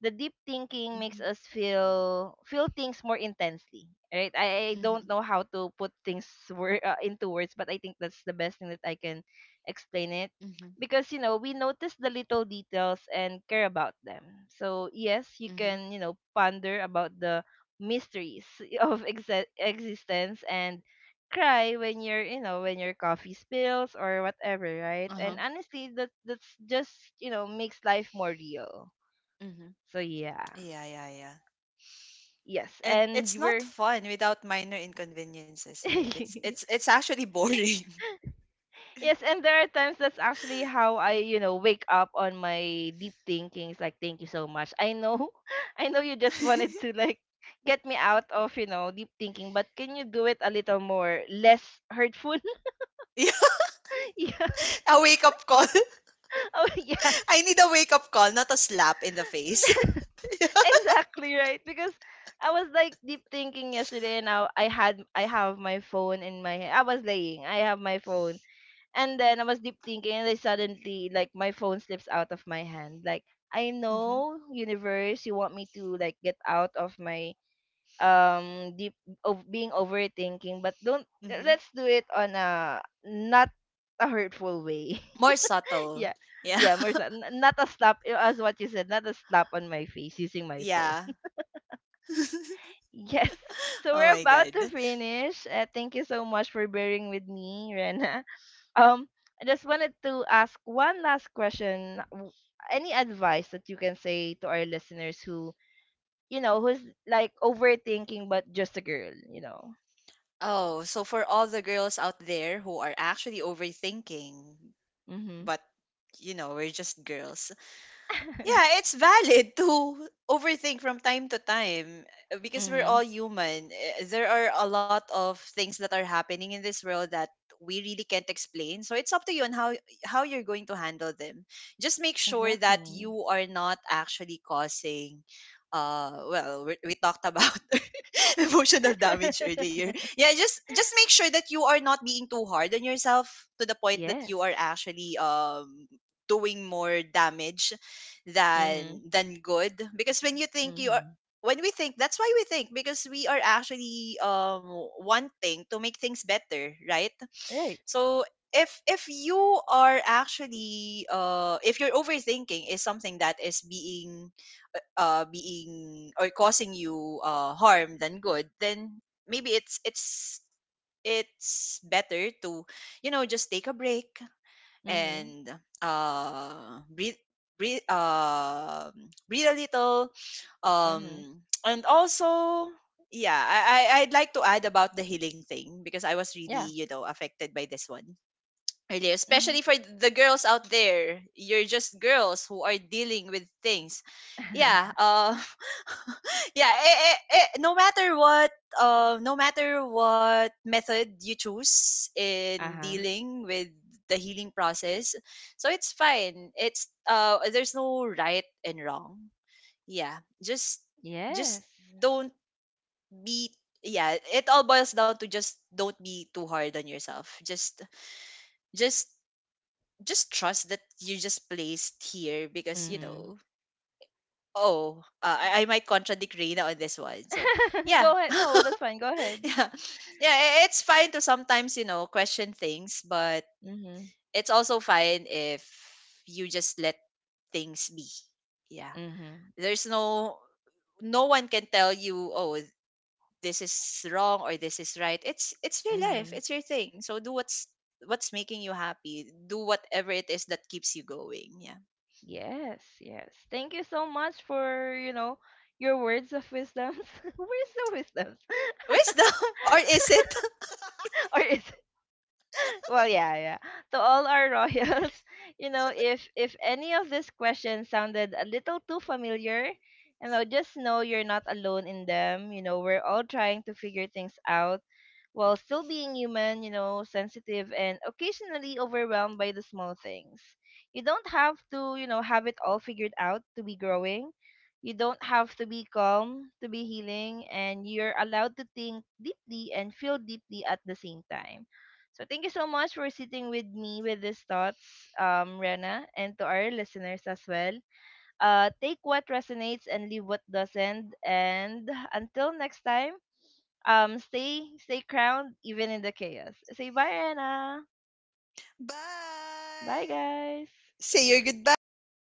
Speaker 1: the deep thinking
Speaker 2: Mm-hmm.
Speaker 1: makes us feel things more intensely, right. I don't
Speaker 2: Mm-hmm.
Speaker 1: know how to put things into words, but I think that's the best thing that I can explain it.
Speaker 2: hmm
Speaker 1: Because, you know, we notice the little details and care about them. So yes, you
Speaker 2: hmm
Speaker 1: can, you know, ponder about the mysteries of existence and cry when your you know when your coffee spills or whatever, right.
Speaker 2: Uh-huh.
Speaker 1: And honestly, that's just, you know, makes life more real.
Speaker 2: hmm
Speaker 1: So yeah.
Speaker 2: Yeah, yeah, yeah.
Speaker 1: Yes,
Speaker 2: And it's
Speaker 1: and
Speaker 2: not
Speaker 1: we're—
Speaker 2: fun without minor inconveniences, right? It's it's it's actually boring.
Speaker 1: Yes, and there are times that's actually how I, you know, wake up on my deep thinkings, like thank you so much. I know I know you just wanted to like get me out of, you know, deep thinking, but can you do it a little more less hurtful?
Speaker 2: yeah,
Speaker 1: Yeah.
Speaker 2: a wake up call.
Speaker 1: Oh yeah.
Speaker 2: I need a wake up call, not a slap in the face.
Speaker 1: Exactly, right. Because I was like deep thinking yesterday, and now I had I have my phone in my hand. I was laying. I have my phone. And then I was deep thinking and I suddenly, like, my phone slips out of my hand. Like, I
Speaker 2: mm-hmm.
Speaker 1: know, universe, you want me to like get out of my deep of being overthinking, but don't—
Speaker 2: Mm-hmm.
Speaker 1: let's do it on a not a hurtful way.
Speaker 2: More subtle.
Speaker 1: Yeah.
Speaker 2: Yeah.
Speaker 1: Yeah, Marissa, not a slap as what you said, not a slap on my face using my phone.
Speaker 2: yeah.
Speaker 1: Yes. So
Speaker 2: Oh
Speaker 1: we're
Speaker 2: my
Speaker 1: about to
Speaker 2: god.
Speaker 1: finish. Thank you so much for bearing with me, Rena. Um, I just wanted to ask one last question. Any advice that you can say to our listeners who, who's like overthinking but just a girl, you know?
Speaker 2: Oh, so for all the girls out there who are actually overthinking,
Speaker 1: Mm-hmm.
Speaker 2: but you know we're just girls, yeah, it's valid to overthink from time to time, because we're
Speaker 1: Mm-hmm.
Speaker 2: all human. There are a lot of things that are happening in this world that we really can't explain. So it's up to you on how you're going to handle them. Just make sure that
Speaker 1: Exactly.
Speaker 2: you are not actually causing, uh, well, we talked about emotional damage earlier. Yeah, just make sure that you are not being too hard on yourself to the point that you are
Speaker 1: Yes.
Speaker 2: actually, doing more damage
Speaker 1: Mm-hmm.
Speaker 2: than good. Because when you think you are,
Speaker 1: Mm-hmm.
Speaker 2: when we think, that's why we think, because we are actually, wanting to make things better, right?
Speaker 1: Right.
Speaker 2: So if you are actually, if your overthinking is something that is being, being or causing you, uh, harm than good, then maybe it's better to, you know, just take a break
Speaker 1: Mm-hmm.
Speaker 2: and, uh, breathe, breathe uh, breathe a little,
Speaker 1: Mm-hmm.
Speaker 2: um and also, yeah, I'd like to add about the healing thing because I was
Speaker 1: Yeah.
Speaker 2: really, you know, affected by this one earlier,
Speaker 1: Mm-hmm.
Speaker 2: especially for the girls out there. You're just girls who are dealing with things. Yeah, yeah. No matter what, no matter what method you choose in
Speaker 1: Uh-huh.
Speaker 2: dealing with the healing process, so it's fine. It's, there's no right and wrong. Yeah, just just
Speaker 1: Yes.
Speaker 2: don't be. Yeah, it all boils down to just don't be too hard on yourself. Just just trust that you just placed here because you
Speaker 1: Mm-hmm.
Speaker 2: know, oh, I might contradict Reina on this one. So yeah,
Speaker 1: Go ahead. No, that's fine. Go ahead.
Speaker 2: yeah yeah it's fine to sometimes, you know, question things, but
Speaker 1: Mm-hmm.
Speaker 2: it's also fine if you just let things be. Yeah,
Speaker 1: Mm-hmm.
Speaker 2: there's no, no one can tell you, oh, this is wrong or this is right. It's your life,
Speaker 1: Mm-hmm.
Speaker 2: it's your thing. So do what's making you happy. Do whatever it is that keeps you going. Yeah.
Speaker 1: Yes, yes. Thank you so much for, you know, your words of wisdoms. Words of wisdoms.
Speaker 2: Wisdom? Or is it?
Speaker 1: Or is— well, yeah, to all our royals. You know, if any of these questions sounded a little too familiar, just know you're not alone in them. We're all trying to figure things out while still being human, sensitive and occasionally overwhelmed by the small things. You don't have to, have it all figured out to be growing. You don't have to be calm to be healing, and you're allowed to think deeply and feel deeply at the same time. So thank you so much for sitting with me with these thoughts, Rena, and to our listeners as well. Take what resonates and leave what doesn't. And until next time, stay crowned even in the chaos. Say bye, Rena.
Speaker 2: Bye!
Speaker 1: Bye, guys.
Speaker 2: Say your goodbyes, Reina!